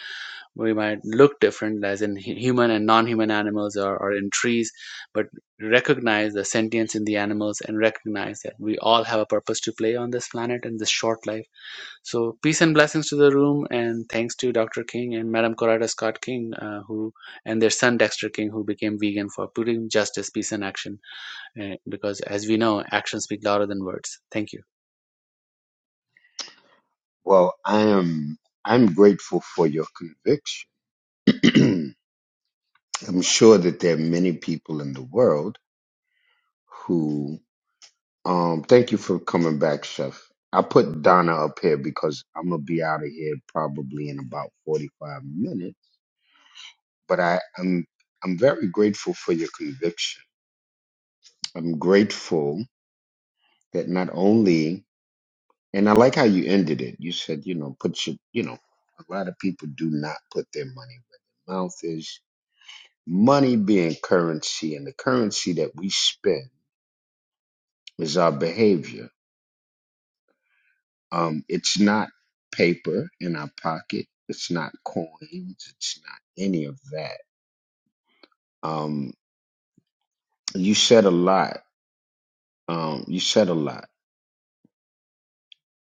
we might look different as in human and non-human animals or, or in trees but recognize the sentience in the animals and recognize that we all have a purpose to play on this planet and this short life so peace and blessings to the room, and thanks to Dr. King and Madam Corada Scott King, uh, who and their son Dexter King, who became vegan for putting justice, peace, and action. Uh, because as we know, actions speak louder than words. Thank you. Well, I am. I'm grateful for your conviction. (clears throat) I'm sure that there are many people in the world who um thank you for coming back, Chef. I put Donna up here because I'm gonna be out of here probably in about 45 minutes. But I, I'm I'm very grateful for your conviction. I'm grateful that not only and I like how you ended it. You said, you know, put your you know, a lot of people do not put their money where their mouth is. Money being currency and the currency that we spend is our behavior Um, it's not paper in our pocket. It's not coins. It's not any of that. Um, you said a lot. Um, you said a lot,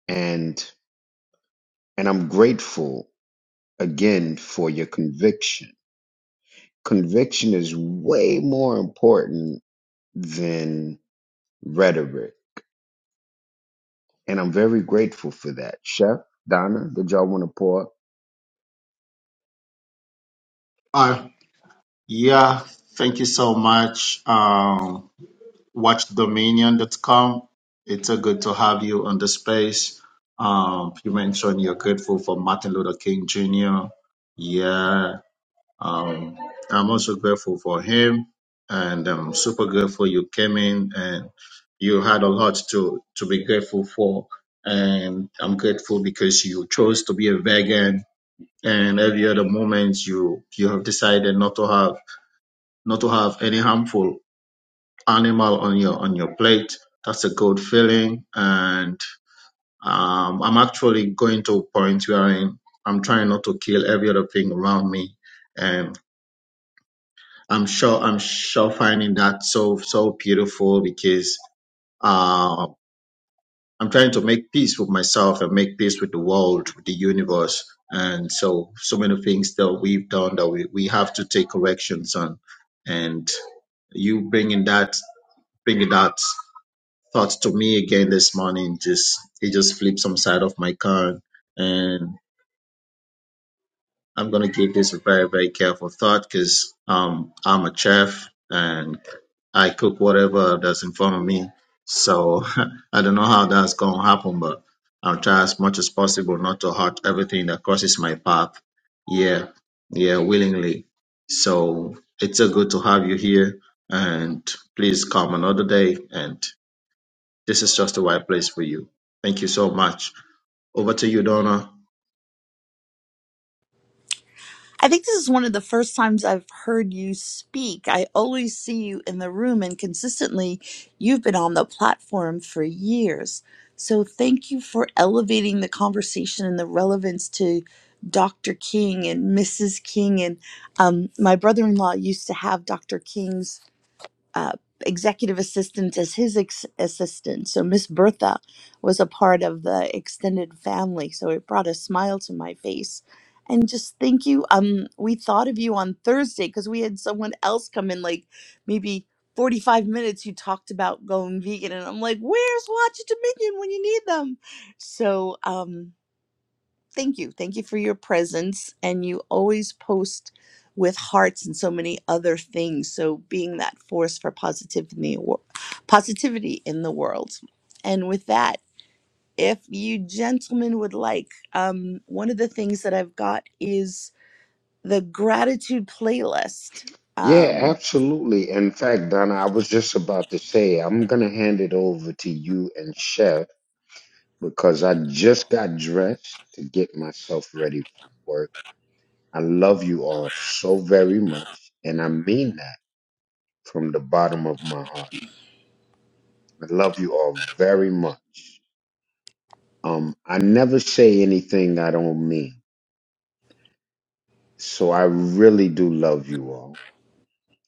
and and I'm grateful again for your conviction. Conviction is way more important than rhetoric, and I'm very grateful for that. Chef Donna, did y'all want to pour? Bye. Yeah, thank you so much. Um, watchdominion.com. It's a good to have you on the space. Um, you mentioned you're grateful for Martin Luther King Jr. Yeah, um, I'm also grateful for him, and I'm super grateful you came in and you had a lot to to be grateful for. And I'm grateful because you chose to be a vegan, and every other moment you you have decided not to have not to have any harmful animal on your on your plate. That's a good feeling, and um, I'm actually going to a point where I'm, I'm trying not to kill every other thing around me, and I'm sure I'm sure finding that so so beautiful because uh, I'm trying to make peace with myself and make peace with the world, with the universe, and so so many things that we've done that we, we have to take corrections on, and you bringing that bringing that. thought to me again this morning. Just it just flipped some side of my car, and I'm gonna give this a very very careful thought because um I'm a chef and I cook whatever that's in front of me. So (laughs) I don't know how that's gonna happen, but I'll try as much as possible not to hurt everything that crosses my path. Yeah, yeah, willingly. So it's so good to have you here, and please come another day and this is just the right place for you. Thank you so much. Over to you, Donna. I think this is one of the first times I've heard you speak. I always see you in the room, and consistently, you've been on the platform for years. So, thank you for elevating the conversation and the relevance to Dr. King and Mrs. King. And um, my brother in law used to have Dr. King's uh, executive assistant as his ex- assistant. So Miss Bertha was a part of the extended family. So it brought a smile to my face. And just thank you. Um, we thought of you on Thursday because we had someone else come in, like maybe 45 minutes, who talked about going vegan. And I'm like, where's Watch Dominion when you need them? So, um, thank you. Thank you for your presence. And you always post with hearts and so many other things. So being that force for positivity, wo- positivity in the world. And with that, if you gentlemen would like, um, one of the things that I've got is the gratitude playlist. Yeah, Um, absolutely. In fact, Donna, I was just about to say, I'm going to hand it over to you and Chef because I just got dressed to get myself ready for work. I love you all so very much, and I mean that from the bottom of my heart. I love you all very much. Um, I never say anything I don't mean, so I really do love you all.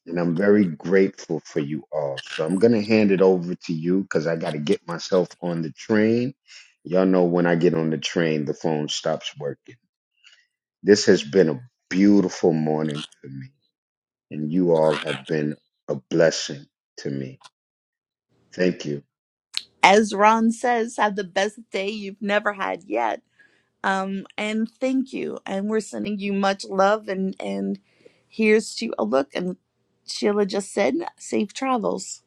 And I'm very grateful for you all. So I'm going to hand it over to you because I got to get myself on the train. Y'all know when I get on the train, the phone stops working. This has been a beautiful morning for me, and you all have been a blessing to me. Thank you. as Ron says, have the best day you've never had yet Um, and thank you. And we're sending you much love and and here's to a look and Sheila just said safe travels.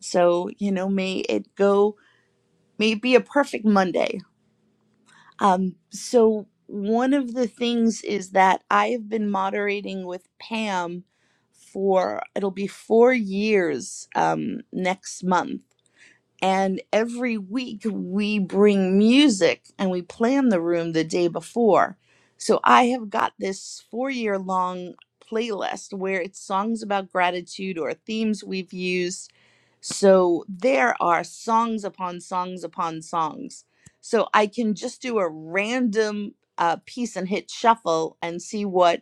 So, you know, may it go may it be a perfect Monday. Um, so one of the things is that I have been moderating with Pam for it'll be four years um next month and every week we bring music and we plan the room the day before. So I have got this four year long playlist where it's songs about gratitude or themes we've used. So there are songs upon songs upon songs. So I can just do a random uh, piece and hit shuffle and see what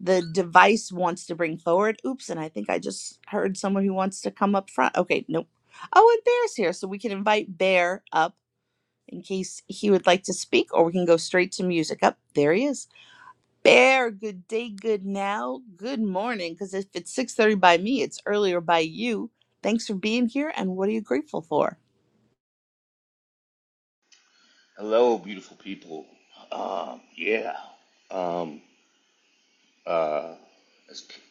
the device wants to bring forward. Oops, and I think I just heard someone who wants to come up front. Okay, nope. Oh, and Bear's here, so we can invite Bear up in case he would like to speak, or we can go straight to music. Up there he is. Bear, good day, good now, good morning. Because if it's six thirty by me, it's earlier by you. Thanks for being here, and what are you grateful for? Hello, beautiful people. Um, yeah. Um, uh,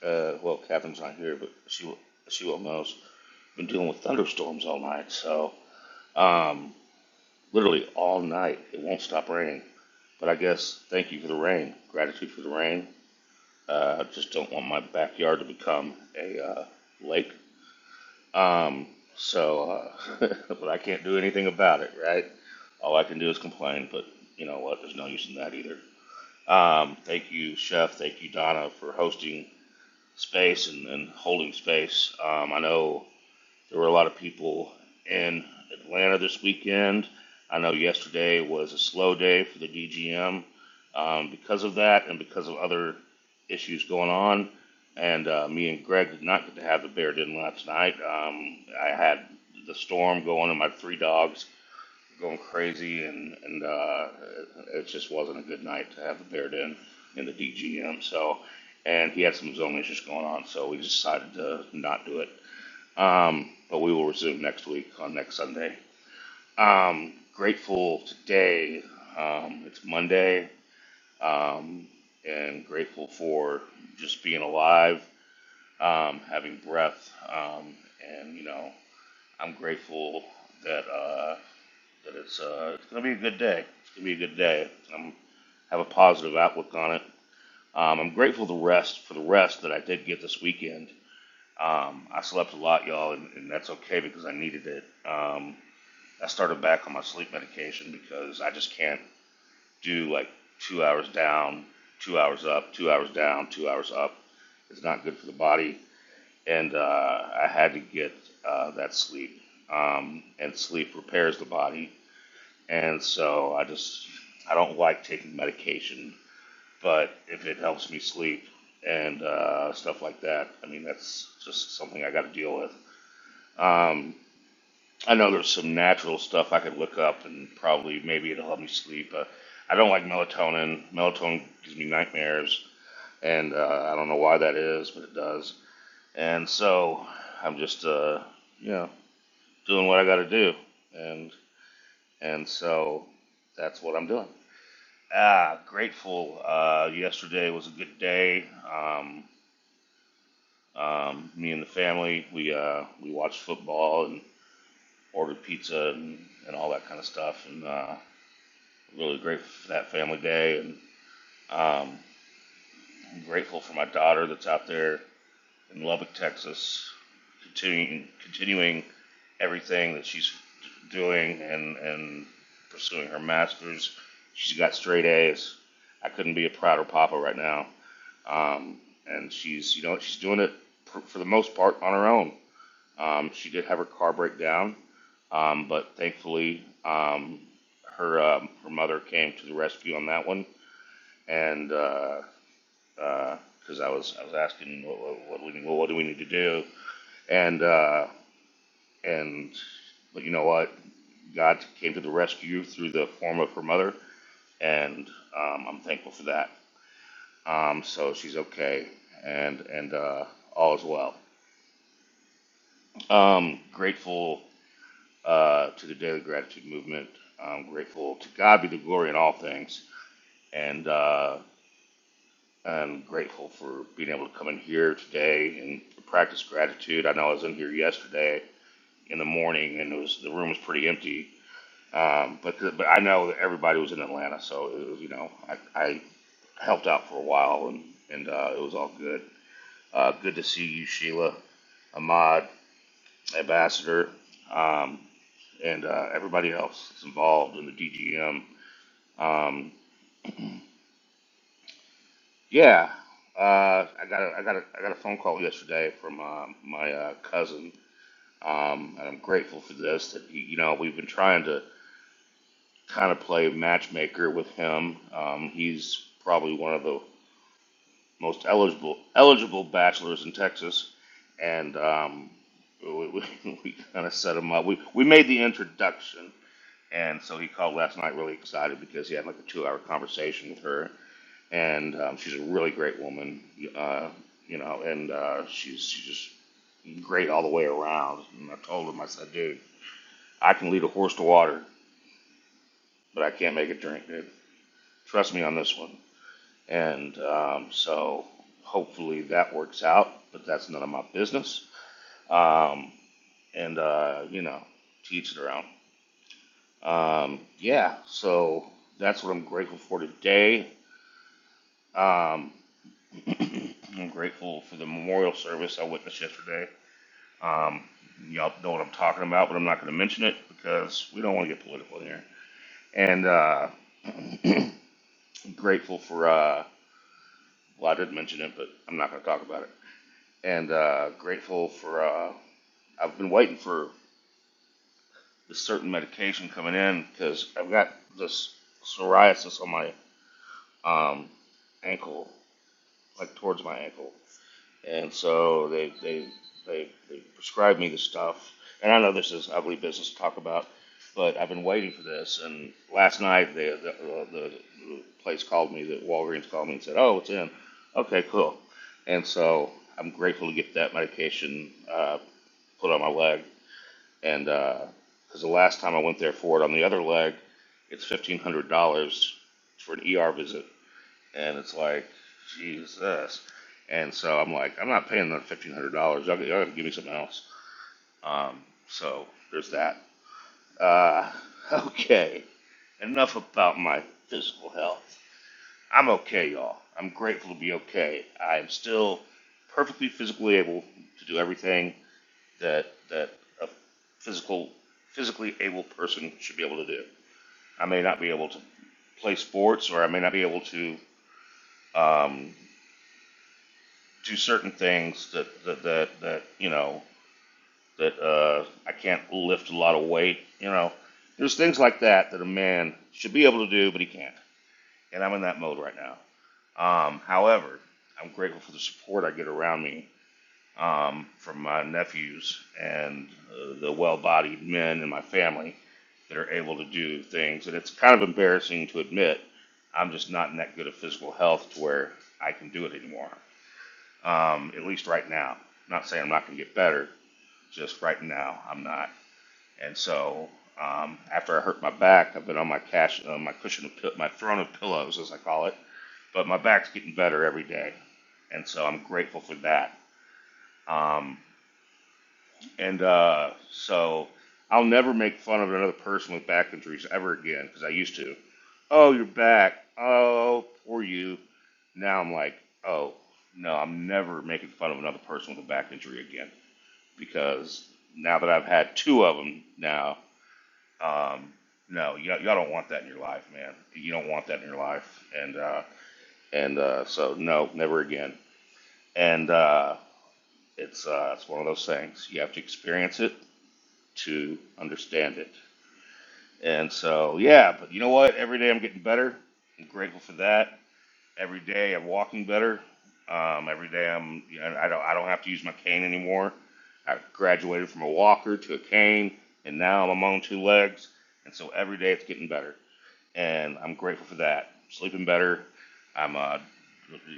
uh, well, Catherine's not here, but she she will knows. Been dealing with thunderstorms all night, so um, literally all night. It won't stop raining. But I guess thank you for the rain. Gratitude for the rain. Uh, I just don't want my backyard to become a uh, lake. Um, so, uh, (laughs) but I can't do anything about it, right? All I can do is complain. But you know what? There's no use in that either. Um, thank you, Chef. Thank you, Donna, for hosting space and, and holding space. Um, I know there were a lot of people in Atlanta this weekend. I know yesterday was a slow day for the DGM um, because of that and because of other issues going on. And uh, me and Greg did not get to have the bear dinner last night. Um, I had the storm going and my three dogs going crazy, and and uh, it just wasn't a good night to have the bear den in the DGM. So, and he had some zone issues going on, so we decided to not do it. Um, but we will resume next week on next Sunday. Um, grateful today. Um, it's Monday, um, and grateful for just being alive, um, having breath, um, and you know, I'm grateful that. Uh, but it's uh, it's gonna be a good day. It's gonna be a good day. I'm have a positive outlook on it. Um, I'm grateful the rest for the rest that I did get this weekend. Um, I slept a lot, y'all, and, and that's okay because I needed it. Um, I started back on my sleep medication because I just can't do like two hours down, two hours up, two hours down, two hours up. It's not good for the body, and uh, I had to get uh, that sleep. Um, and sleep repairs the body and so I just, I don't like taking medication, but if it helps me sleep and uh, stuff like that, I mean, that's just something I got to deal with. Um, I know there's some natural stuff I could look up and probably maybe it'll help me sleep. Uh, I don't like melatonin. Melatonin gives me nightmares, and uh, I don't know why that is, but it does. And so I'm just, uh, you know, doing what I got to do, and and so that's what I'm doing. Ah, grateful. Uh, yesterday was a good day. Um, um, me and the family, we uh, we watched football and ordered pizza and, and all that kind of stuff. And uh, really grateful for that family day. And um, I'm grateful for my daughter that's out there in Lubbock, Texas, continuing continuing everything that she's doing and and pursuing her masters. She's got straight A's. I couldn't be a prouder papa right now. um, and she's you know she's doing it for, for the most part on her own. Um, she did have her car break down, um, but thankfully um, her um, her mother came to the rescue on that one, and because uh, uh 'cause I was I was asking what, what, what do we well, what do we need to do, and uh, and but you know what, God came to the rescue through the form of her mother, and um, I'm thankful for that. Um, so she's okay, and and uh, all is well. Um, grateful uh, to the Daily Gratitude Movement. I'm grateful to God be the glory in all things, and uh, I'm grateful for being able to come in here today and practice gratitude. I know I was in here yesterday in the morning, and it was the room was pretty empty. Um, but but I know that everybody was in Atlanta, so it was, you know I, I helped out for a while, and and uh, it was all good. Uh, good to see you, Sheila, Ahmad, Ambassador. Um, and uh, everybody else that's involved in the DGM. Um, yeah, uh, I got a, I got a, I got a phone call yesterday from uh, my uh, cousin, um, and I'm grateful for this. That he, you know, we've been trying to kind of play matchmaker with him. Um, he's probably one of the most eligible eligible bachelors in Texas, and um, we, we, (laughs) we kind of set him up. We we made the introduction And so he called last night really excited because he had like a two hour conversation with her. And um, she's a really great woman, uh, you know, and uh, she's, she's just great all the way around. And I told him, I said, dude, I can lead a horse to water, but I can't make it drink, dude. Trust me on this one. And um, so hopefully that works out, but that's none of my business. Um, and, uh, you know, teach their own. Um, yeah, so that's what I'm grateful for today. Um, (clears throat) I'm grateful for the memorial service I witnessed yesterday. Um, y'all know what I'm talking about, but I'm not going to mention it because we don't want to get political in here. And uh, (clears throat) I'm grateful for, uh, well, I did mention it, but I'm not going to talk about it. And uh, grateful for, uh, I've been waiting for this certain medication coming in because I've got this psoriasis on my um, ankle, like towards my ankle. and so they they they, they prescribed me the stuff. And I know this is ugly business to talk about, but I've been waiting for this. And last night the the, the, the place called me, the Walgreens called me and said, "Oh, it's in." Okay, cool. And so I'm grateful to get that medication uh, put on my leg. And because the last time I went there for it on the other leg, it's fifteen hundred dollars for an ER visit and it's like Jesus. And so I'm like, I'm not paying that fifteen hundred dollars. Y'all, y'all gotta give me something else. Um, so there's that. Uh, (laughs) okay, enough about my physical health. I'm okay, y'all. I'm grateful to be okay. I'm still perfectly physically able to do everything that that a physical physically able person should be able to do. I may not be able to play sports, or I may not be able to um, do certain things that that that, that you know that uh, I can't lift a lot of weight. You know, there's things like that that a man should be able to do, but he can't. And I'm in that mode right now. Um, however, I'm grateful for the support I get around me um, from my nephews and uh, the well-bodied men in my family that are able to do things. And it's kind of embarrassing to admit I'm just not in that good of physical health to where I can do it anymore um, at least right now. I'm not saying I'm not going to get better, just right now I'm not. And so um, after I hurt my back, I've been on my cash, uh, my cushion, of, my throne of pillows, as I call it. But my back's getting better every day, and so I'm grateful for that. Um, and uh, so I'll never make fun of another person with back injuries ever again because I used to. Oh, your back. Oh, poor you. Now I'm like, oh no, I'm never making fun of another person with a back injury again because now that I've had two of them now, um, no, y'all, don't want that in your life, man. You don't want that in your life, and uh, and uh, so no, never again. And uh, it's uh, it's one of those things you have to experience it to understand it. And so yeah, but you know what? Every day I'm getting better. I'm grateful for that. Every day I'm walking better. Um, every day I'm you know, I don't I don't have to use my cane anymore. I graduated from a walker to a cane, and now I'm on two legs. And so every day it's getting better, and I'm grateful for that. Sleeping better. I'm uh,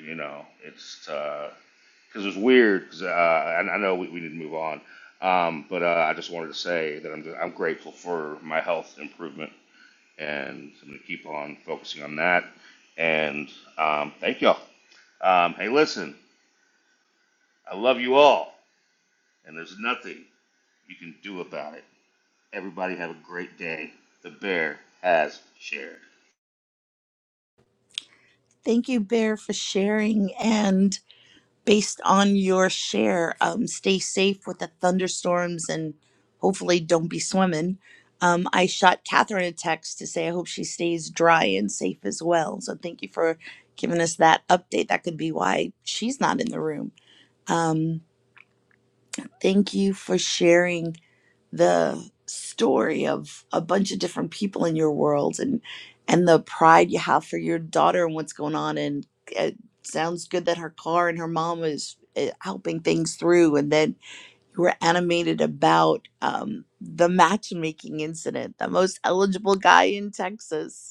you know, it's because it's was weird. Cause, uh, and I know we, we need to move on, um, but uh, I just wanted to say that I'm I'm grateful for my health improvement, and I'm going to keep on focusing on that. And um, thank y'all. Um, hey, listen, I love you all, and there's nothing you can do about it. Everybody have a great day. The bear has shared. Thank you, Bear, for sharing. and. based on your share, um, stay safe with the thunderstorms and hopefully don't be swimming. Um, I shot Catherine a text to say I hope she stays dry and safe as well. So thank you for giving us that update. That could be why she's not in the room. Thank you for sharing the story of a bunch of different people in your world and and the pride you have for your daughter and what's going on. And it sounds good that her car and her mom is uh, helping things through. And then you were animated about um, the matchmaking incident, the most eligible guy in Texas.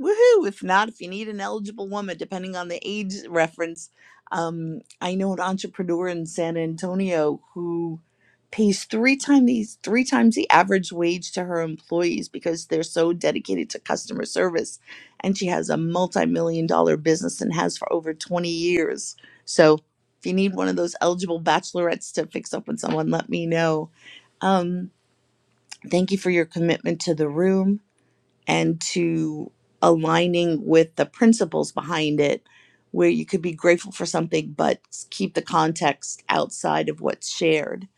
Woohoo! If not, if you need an eligible woman, depending on the age reference, um, I know an entrepreneur in San Antonio who pays three times these three times the average wage to her employees because they're so dedicated to customer service, and she has a multi-million dollar business and has for over twenty years. So, if you need one of those eligible bachelorettes to fix up on someone, let me know. Um, thank you for your commitment to the room and to aligning with the principles behind it where you could be grateful for something but keep the context outside of what's shared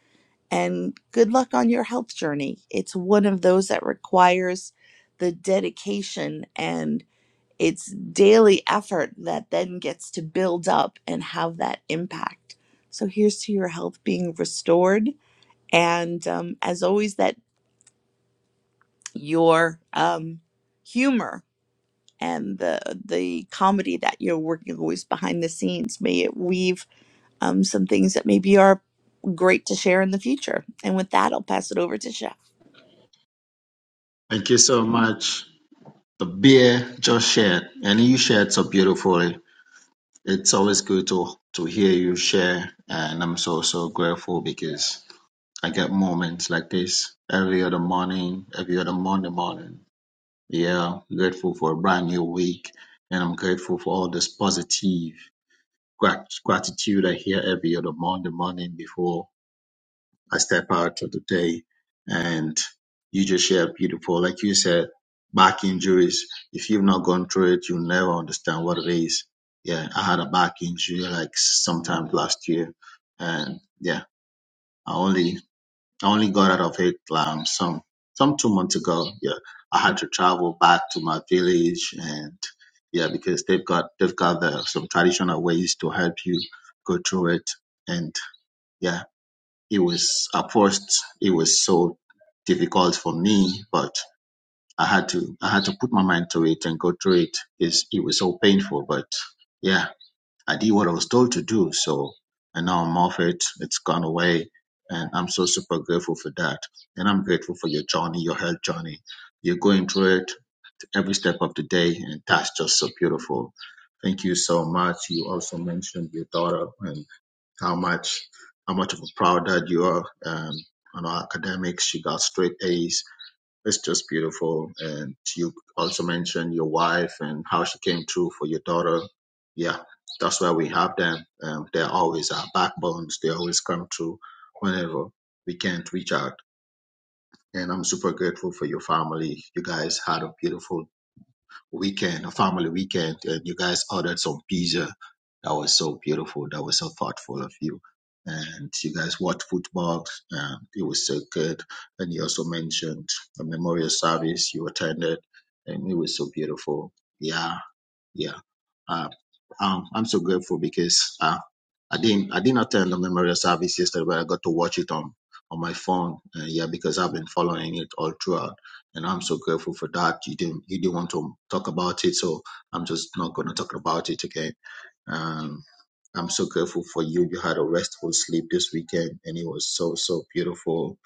and good luck on your health journey it's one of those that requires the dedication and it's daily effort that then gets to build up and have that impact so here's to your health being restored and um, as always that your um, humor and the the comedy that you're working with behind the scenes. May it weave um, some things that maybe are great to share in the future. And with that, I'll pass it over to Chef. Thank you so much. The beer just shared, and you shared so beautifully. It's always good to to hear you share, and I'm so so grateful because I get moments like this every other morning, every other Monday morning. Yeah, I'm grateful for a brand new week, and I'm grateful for all this positive grat- gratitude I hear every other Monday morning before I step out of the day and you just share beautiful. Like you said, back injuries. If you've not gone through it, you'll never understand what it is. Yeah, I had a back injury like sometime last year. And yeah, I only I only got out of it um some some two months ago. Yeah. I had to travel back to my village and yeah, because they've got they've got the, some traditional ways to help you go through it. And yeah it was at first it was so difficult for me, but I had to I had to put my mind to it and go through it. It's, it was so painful, but yeah, I did what I was told to do. So and now I'm off it. It's gone away, and I'm so super grateful for that. And I'm grateful for your journey, your health journey. You're going through it every step of the day, and that's just so beautiful. Thank you so much. You also mentioned your daughter, and how much how much of a proud dad you are um, on our academics. She got straight A's. It's just beautiful. And you also mentioned your wife and how she came through for your daughter. Yeah, that's why we have them. Um, they're always our backbones. They always come through whenever we can't reach out. And I'm super grateful for your family. You guys had a beautiful weekend, a family weekend, and you guys ordered some pizza. That was so beautiful. That was so thoughtful of you. And you guys watched football. And it was so good. And you also mentioned a memorial service you attended, and it was so beautiful. Yeah, yeah. Uh, um, I'm so grateful because uh, I didn't I didn't attend the memorial service yesterday, but I got to watch it on on my phone. Uh, yeah, because I've been following it all throughout, and I'm so grateful for that. You didn't you didn't want to talk about it, so I'm just not going to talk about it again. Um, I'm so grateful for you. You had a restful sleep this weekend, and it was so so beautiful.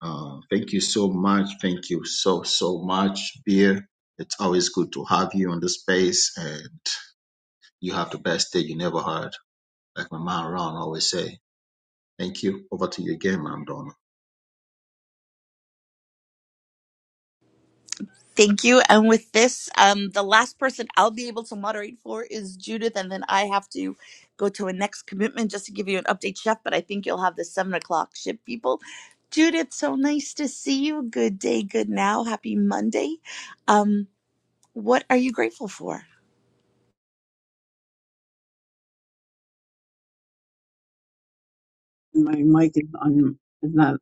Uh, thank you so much. Thank you so so much, Beer. It's always good to have you on the space, and you have the best day you never had. Like my man Ron always say. Thank you. Over to you again, Madam Donna. Thank you. And with this, um, the last person I'll be able to moderate for is Judith, and then I have to go to a next commitment just to give you an update, Chef. But I think you'll have the seven o'clock ship people. Judith, so nice to see you. Good day, good now. Happy Monday. Um, what are you grateful for? my mic is on is not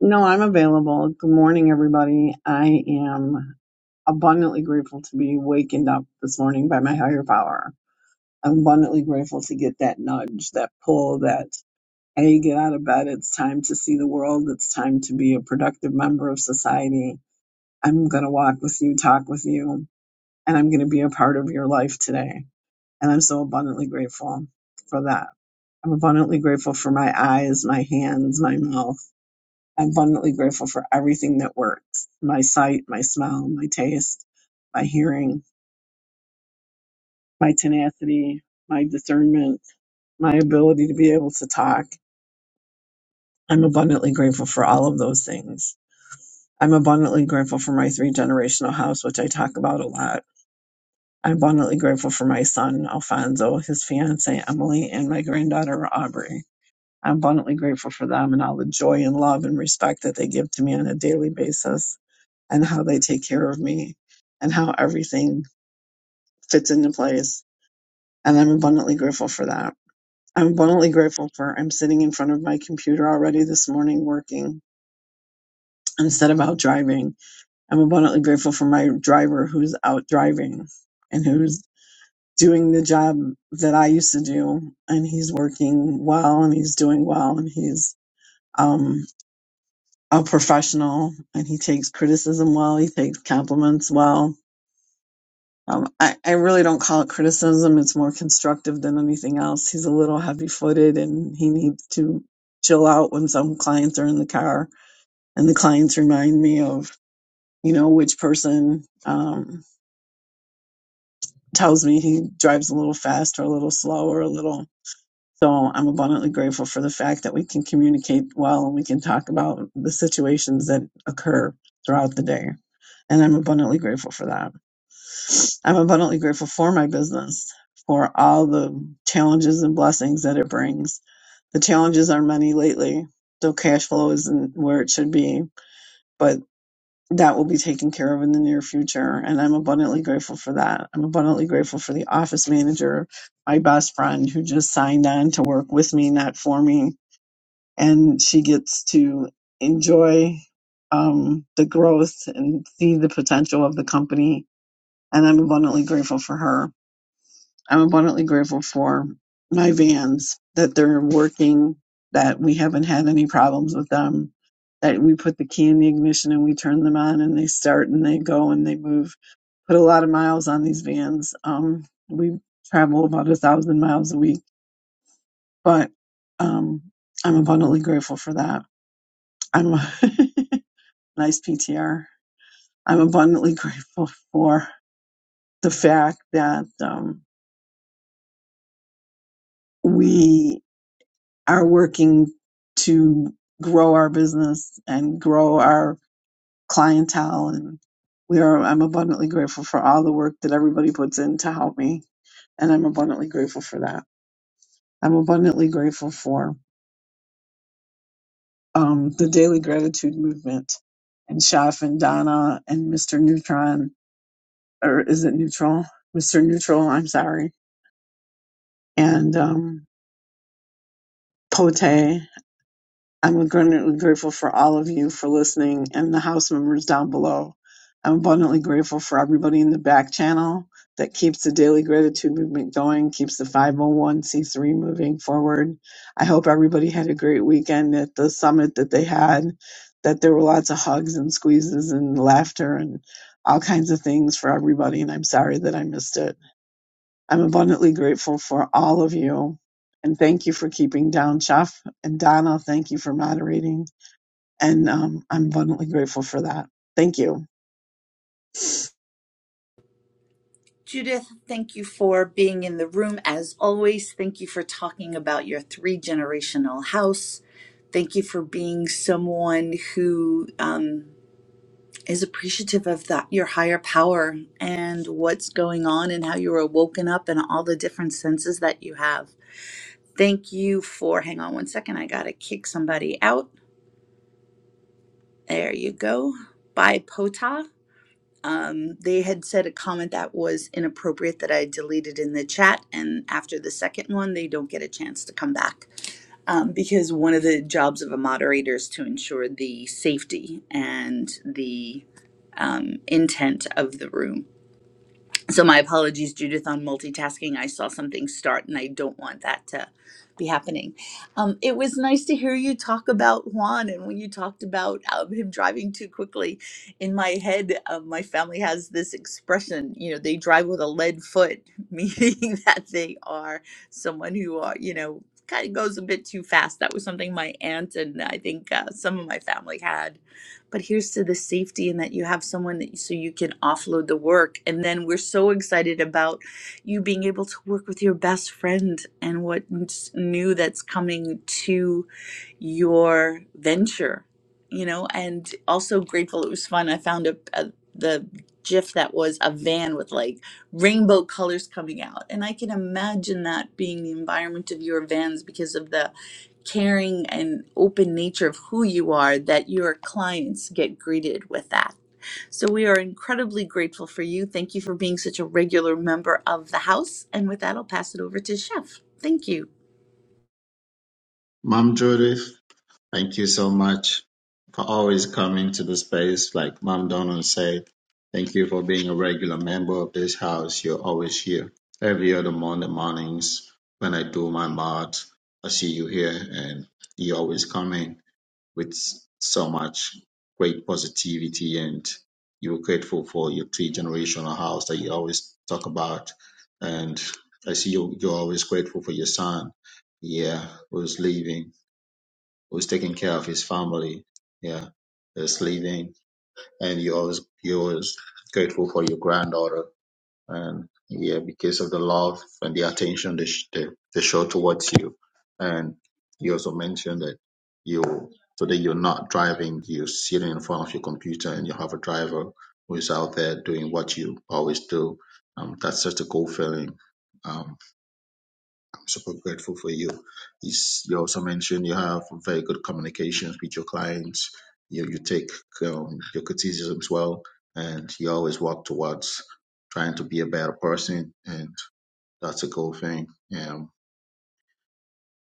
no i'm available good morning everybody i am abundantly grateful to be wakened up this morning by my higher power i'm abundantly grateful to get that nudge that pull that hey get out of bed it's time to see the world it's time to be a productive member of society i'm going to walk with you talk with you and i'm going to be a part of your life today and i'm so abundantly grateful for that i'm abundantly grateful for my eyes my hands my mouth I'm abundantly grateful for everything that works my sight, my smell, my taste, my hearing, my tenacity, my discernment, my ability to be able to talk. I'm abundantly grateful for all of those things. I'm abundantly grateful for my three generational house, which I talk about a lot. I'm abundantly grateful for my son, Alfonso, his fiance Emily, and my granddaughter, Aubrey. I'm abundantly grateful for them and all the joy and love and respect that they give to me on a daily basis. and how they take care of me and how everything fits into place. And I'm abundantly grateful for that. I'm abundantly grateful for I'm sitting in front of my computer already this morning working instead of out driving. I'm abundantly grateful for my driver who's out driving and who's doing the job that I used to do and he's working well and he's doing well and he's um a professional and he takes criticism well, he takes compliments well Um, I, I really don't call it criticism. It's more constructive than anything else. He's a little heavy footed and he needs to chill out when some clients are in the car. And the clients remind me of, you know, which person um, tells me he drives a little fast or a little slow or a little. So I'm abundantly grateful for the fact that we can communicate well and we can talk about the situations that occur throughout the day. And I'm abundantly grateful for that. I'm abundantly grateful for my business, for all the challenges and blessings that it brings. The challenges are many lately, so cash flow isn't where it should be, but that will be taken care of in the near future. And I'm abundantly grateful for that. I'm abundantly grateful for the office manager, my best friend, who just signed on to work with me, not for me. And she gets to enjoy um, the growth and see the potential of the company. And I'm abundantly grateful for her. I'm abundantly grateful for my vans that they're working, that we haven't had any problems with them, that we put the key in the ignition and we turn them on and they start and they go and they move. Put a lot of miles on these vans. Um, we travel about a thousand miles a week, but um, I'm abundantly grateful for that. I'm a (laughs) nice PTR. I'm abundantly (laughs) grateful for the fact that um, we are working to grow our business and grow our clientele and we are I'm abundantly grateful for all the work that everybody puts in to help me and I'm abundantly grateful for that. I'm abundantly grateful for um, the daily gratitude movement and Shaf and Donna and Mr. Neutron or is it neutral? Mr. Neutral, I'm sorry. And um Pote I'm abundantly grateful for all of you for listening and the house members down below. I'm abundantly grateful for everybody in the back channel that keeps the daily gratitude movement going, keeps the 501c3 moving forward. I hope everybody had a great weekend at the summit that they had, that there were lots of hugs and squeezes and laughter and all kinds of things for everybody. And I'm sorry that I missed it. I'm abundantly grateful for all of you. And thank you for keeping down, Chef. And Donna, thank you for moderating. And um, I'm abundantly grateful for that. Thank you. Judith, thank you for being in the room as always. Thank you for talking about your three generational house. Thank you for being someone who um, is appreciative of that, your higher power and what's going on and how you were woken up and all the different senses that you have. Thank you for, hang on one second, I gotta kick somebody out. There you go. Bye, Pota. um, they had said a comment that was inappropriate that I deleted in the chat. And after the second one, they don't get a chance to come back um, because one of the jobs of a moderator is to ensure the safety and the um, intent of the room. So my apologies, Judith, on multitasking. I saw something start and I don't want that to be happening. Um, it was nice to hear you talk about Juan and when you talked about um, him driving too quickly. In my head, um, my family has this expression, you know, they drive with a lead foot, (laughs) meaning that they are someone who are, you know, kind of goes a bit too fast. That was something my aunt and I think uh, some of my family had but here's to the safety and that you have someone that so you can offload the work. And then we're so excited about you being able to work with your best friend and what new that's coming to your venture, you know, and also grateful it was fun. I found a, a the GIF that was a van with like rainbow colors coming out, and I can imagine that being the environment of your vans because of the caring and open nature of who you are that your clients get greeted with that. So we are incredibly grateful for you. Thank you for being such a regular member of the house. And with that, I'll pass it over to Chef. Thank you. Madam Judith, thank you so much for always coming to the space. Like Madam Donna said, thank you for being a regular member of this house. You're always here. Every other Monday mornings when I do my mod, I see you here and you always come in. with so much great positivity and you were grateful for your three generational house that you always talk about. And I see you, you're always grateful for your son. Yeah, who's leaving, who's taking care of his family. Yeah, who's leaving. And you're always, you're always grateful for your granddaughter and yeah, because of the love and the attention they, sh- they, they show towards you. And you also mentioned that you today you're not driving, you're sitting in front of your computer, and you have a driver who is out there doing what you always do. Um, that's such a cool feeling. Um, super grateful for you. You s- you also mentioned you have very good communications with your clients. You you take um, your criticisms well, and you always work towards trying to be a better person, and that's a good thing. Um,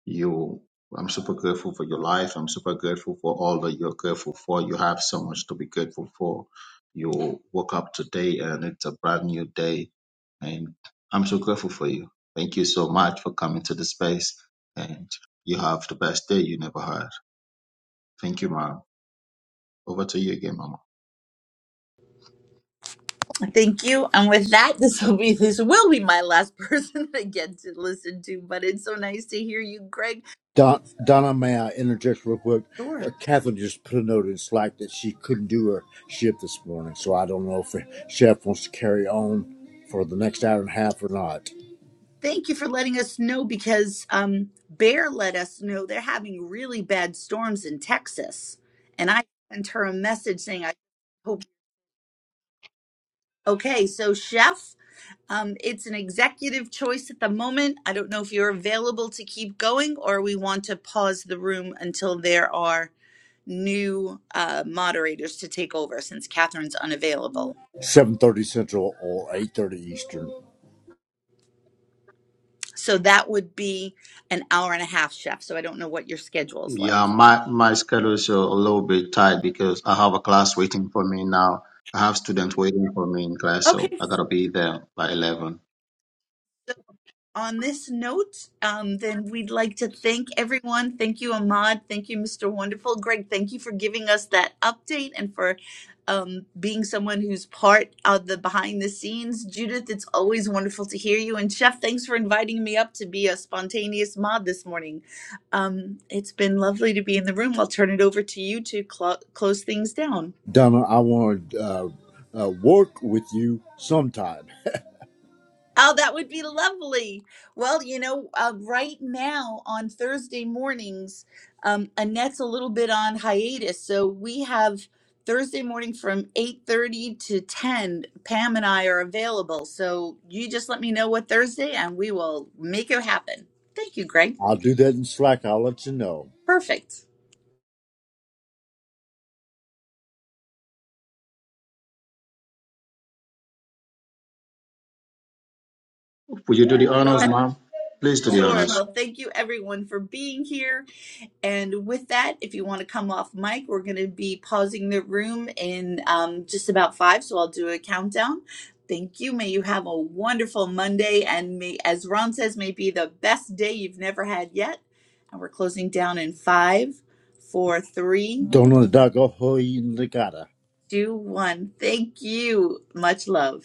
you, I'm super grateful for your life. I'm super grateful for all that you're grateful for. You have so much to be grateful for. You woke up today, and it's a brand new day and I'm so grateful for you. Thank you so much for coming to the space. And you have the best day you never had. Thank you, mom. Over to you again, mama. Thank you. And with that, this will be this will be my last person (laughs) that I get to listen to. But it's so nice to hear you, Greg. Don, Donna, may I interject real quick? Sure. Uh, Catherine just put a note in Slack that she couldn't do her shift this morning, so I don't know if Chef wants to carry on for the next hour and a half or not. Thank you for letting us know because um, Bear let us know they're having really bad storms in Texas, and I sent her a message saying I hope okay. So, Chef, um, it's an executive choice at the moment. I don't know if you're available to keep going or we want to pause the room until there are new uh, moderators to take over since Catherine's unavailable. Seven thirty Central or eight thirty Eastern. So that would be an hour and a half, Chef. So I don't know what your schedule's Yeah, like. my, my schedule is a little bit tight because I have a class waiting for me now. I have students waiting for me in class, so Okay, I gotta be there by 11. on this note, um, then we'd like to thank everyone. Thank you, Ahmad. Thank you, Mr. Wonderful. Greg, thank you for giving us that update and for um, being someone who's part of the behind the scenes. Judith, it's always wonderful to hear you. And Chef, thanks for inviting me up to be a spontaneous mod this morning. Um, it's been lovely to be in the room. I'll turn it over to you to clo- close things down. Donna, I want to uh, uh, work with you sometime. (laughs) Oh, that would be lovely. Well, you know, uh, right now on Thursday mornings, um, Annette's a little bit on hiatus, so we have Thursday morning from eight thirty to ten. Pam and I are available, so you just let me know what Thursday, and we will make it happen. Thank you, Greg. I'll do that in Slack. I'll let you know. Perfect. Will you do the honors, mom? Please do the Sure. honors. Well, thank you everyone for being here. And with that, if you want to come off mic, we're going to be pausing the room in um, just about five. So I'll do a countdown. Thank you. May you have a wonderful Monday. And may, as Ron says, may be the best day you've never had yet. And we're closing down in five, four, three, Donna Dago Hoy two, one. Thank you. Much love.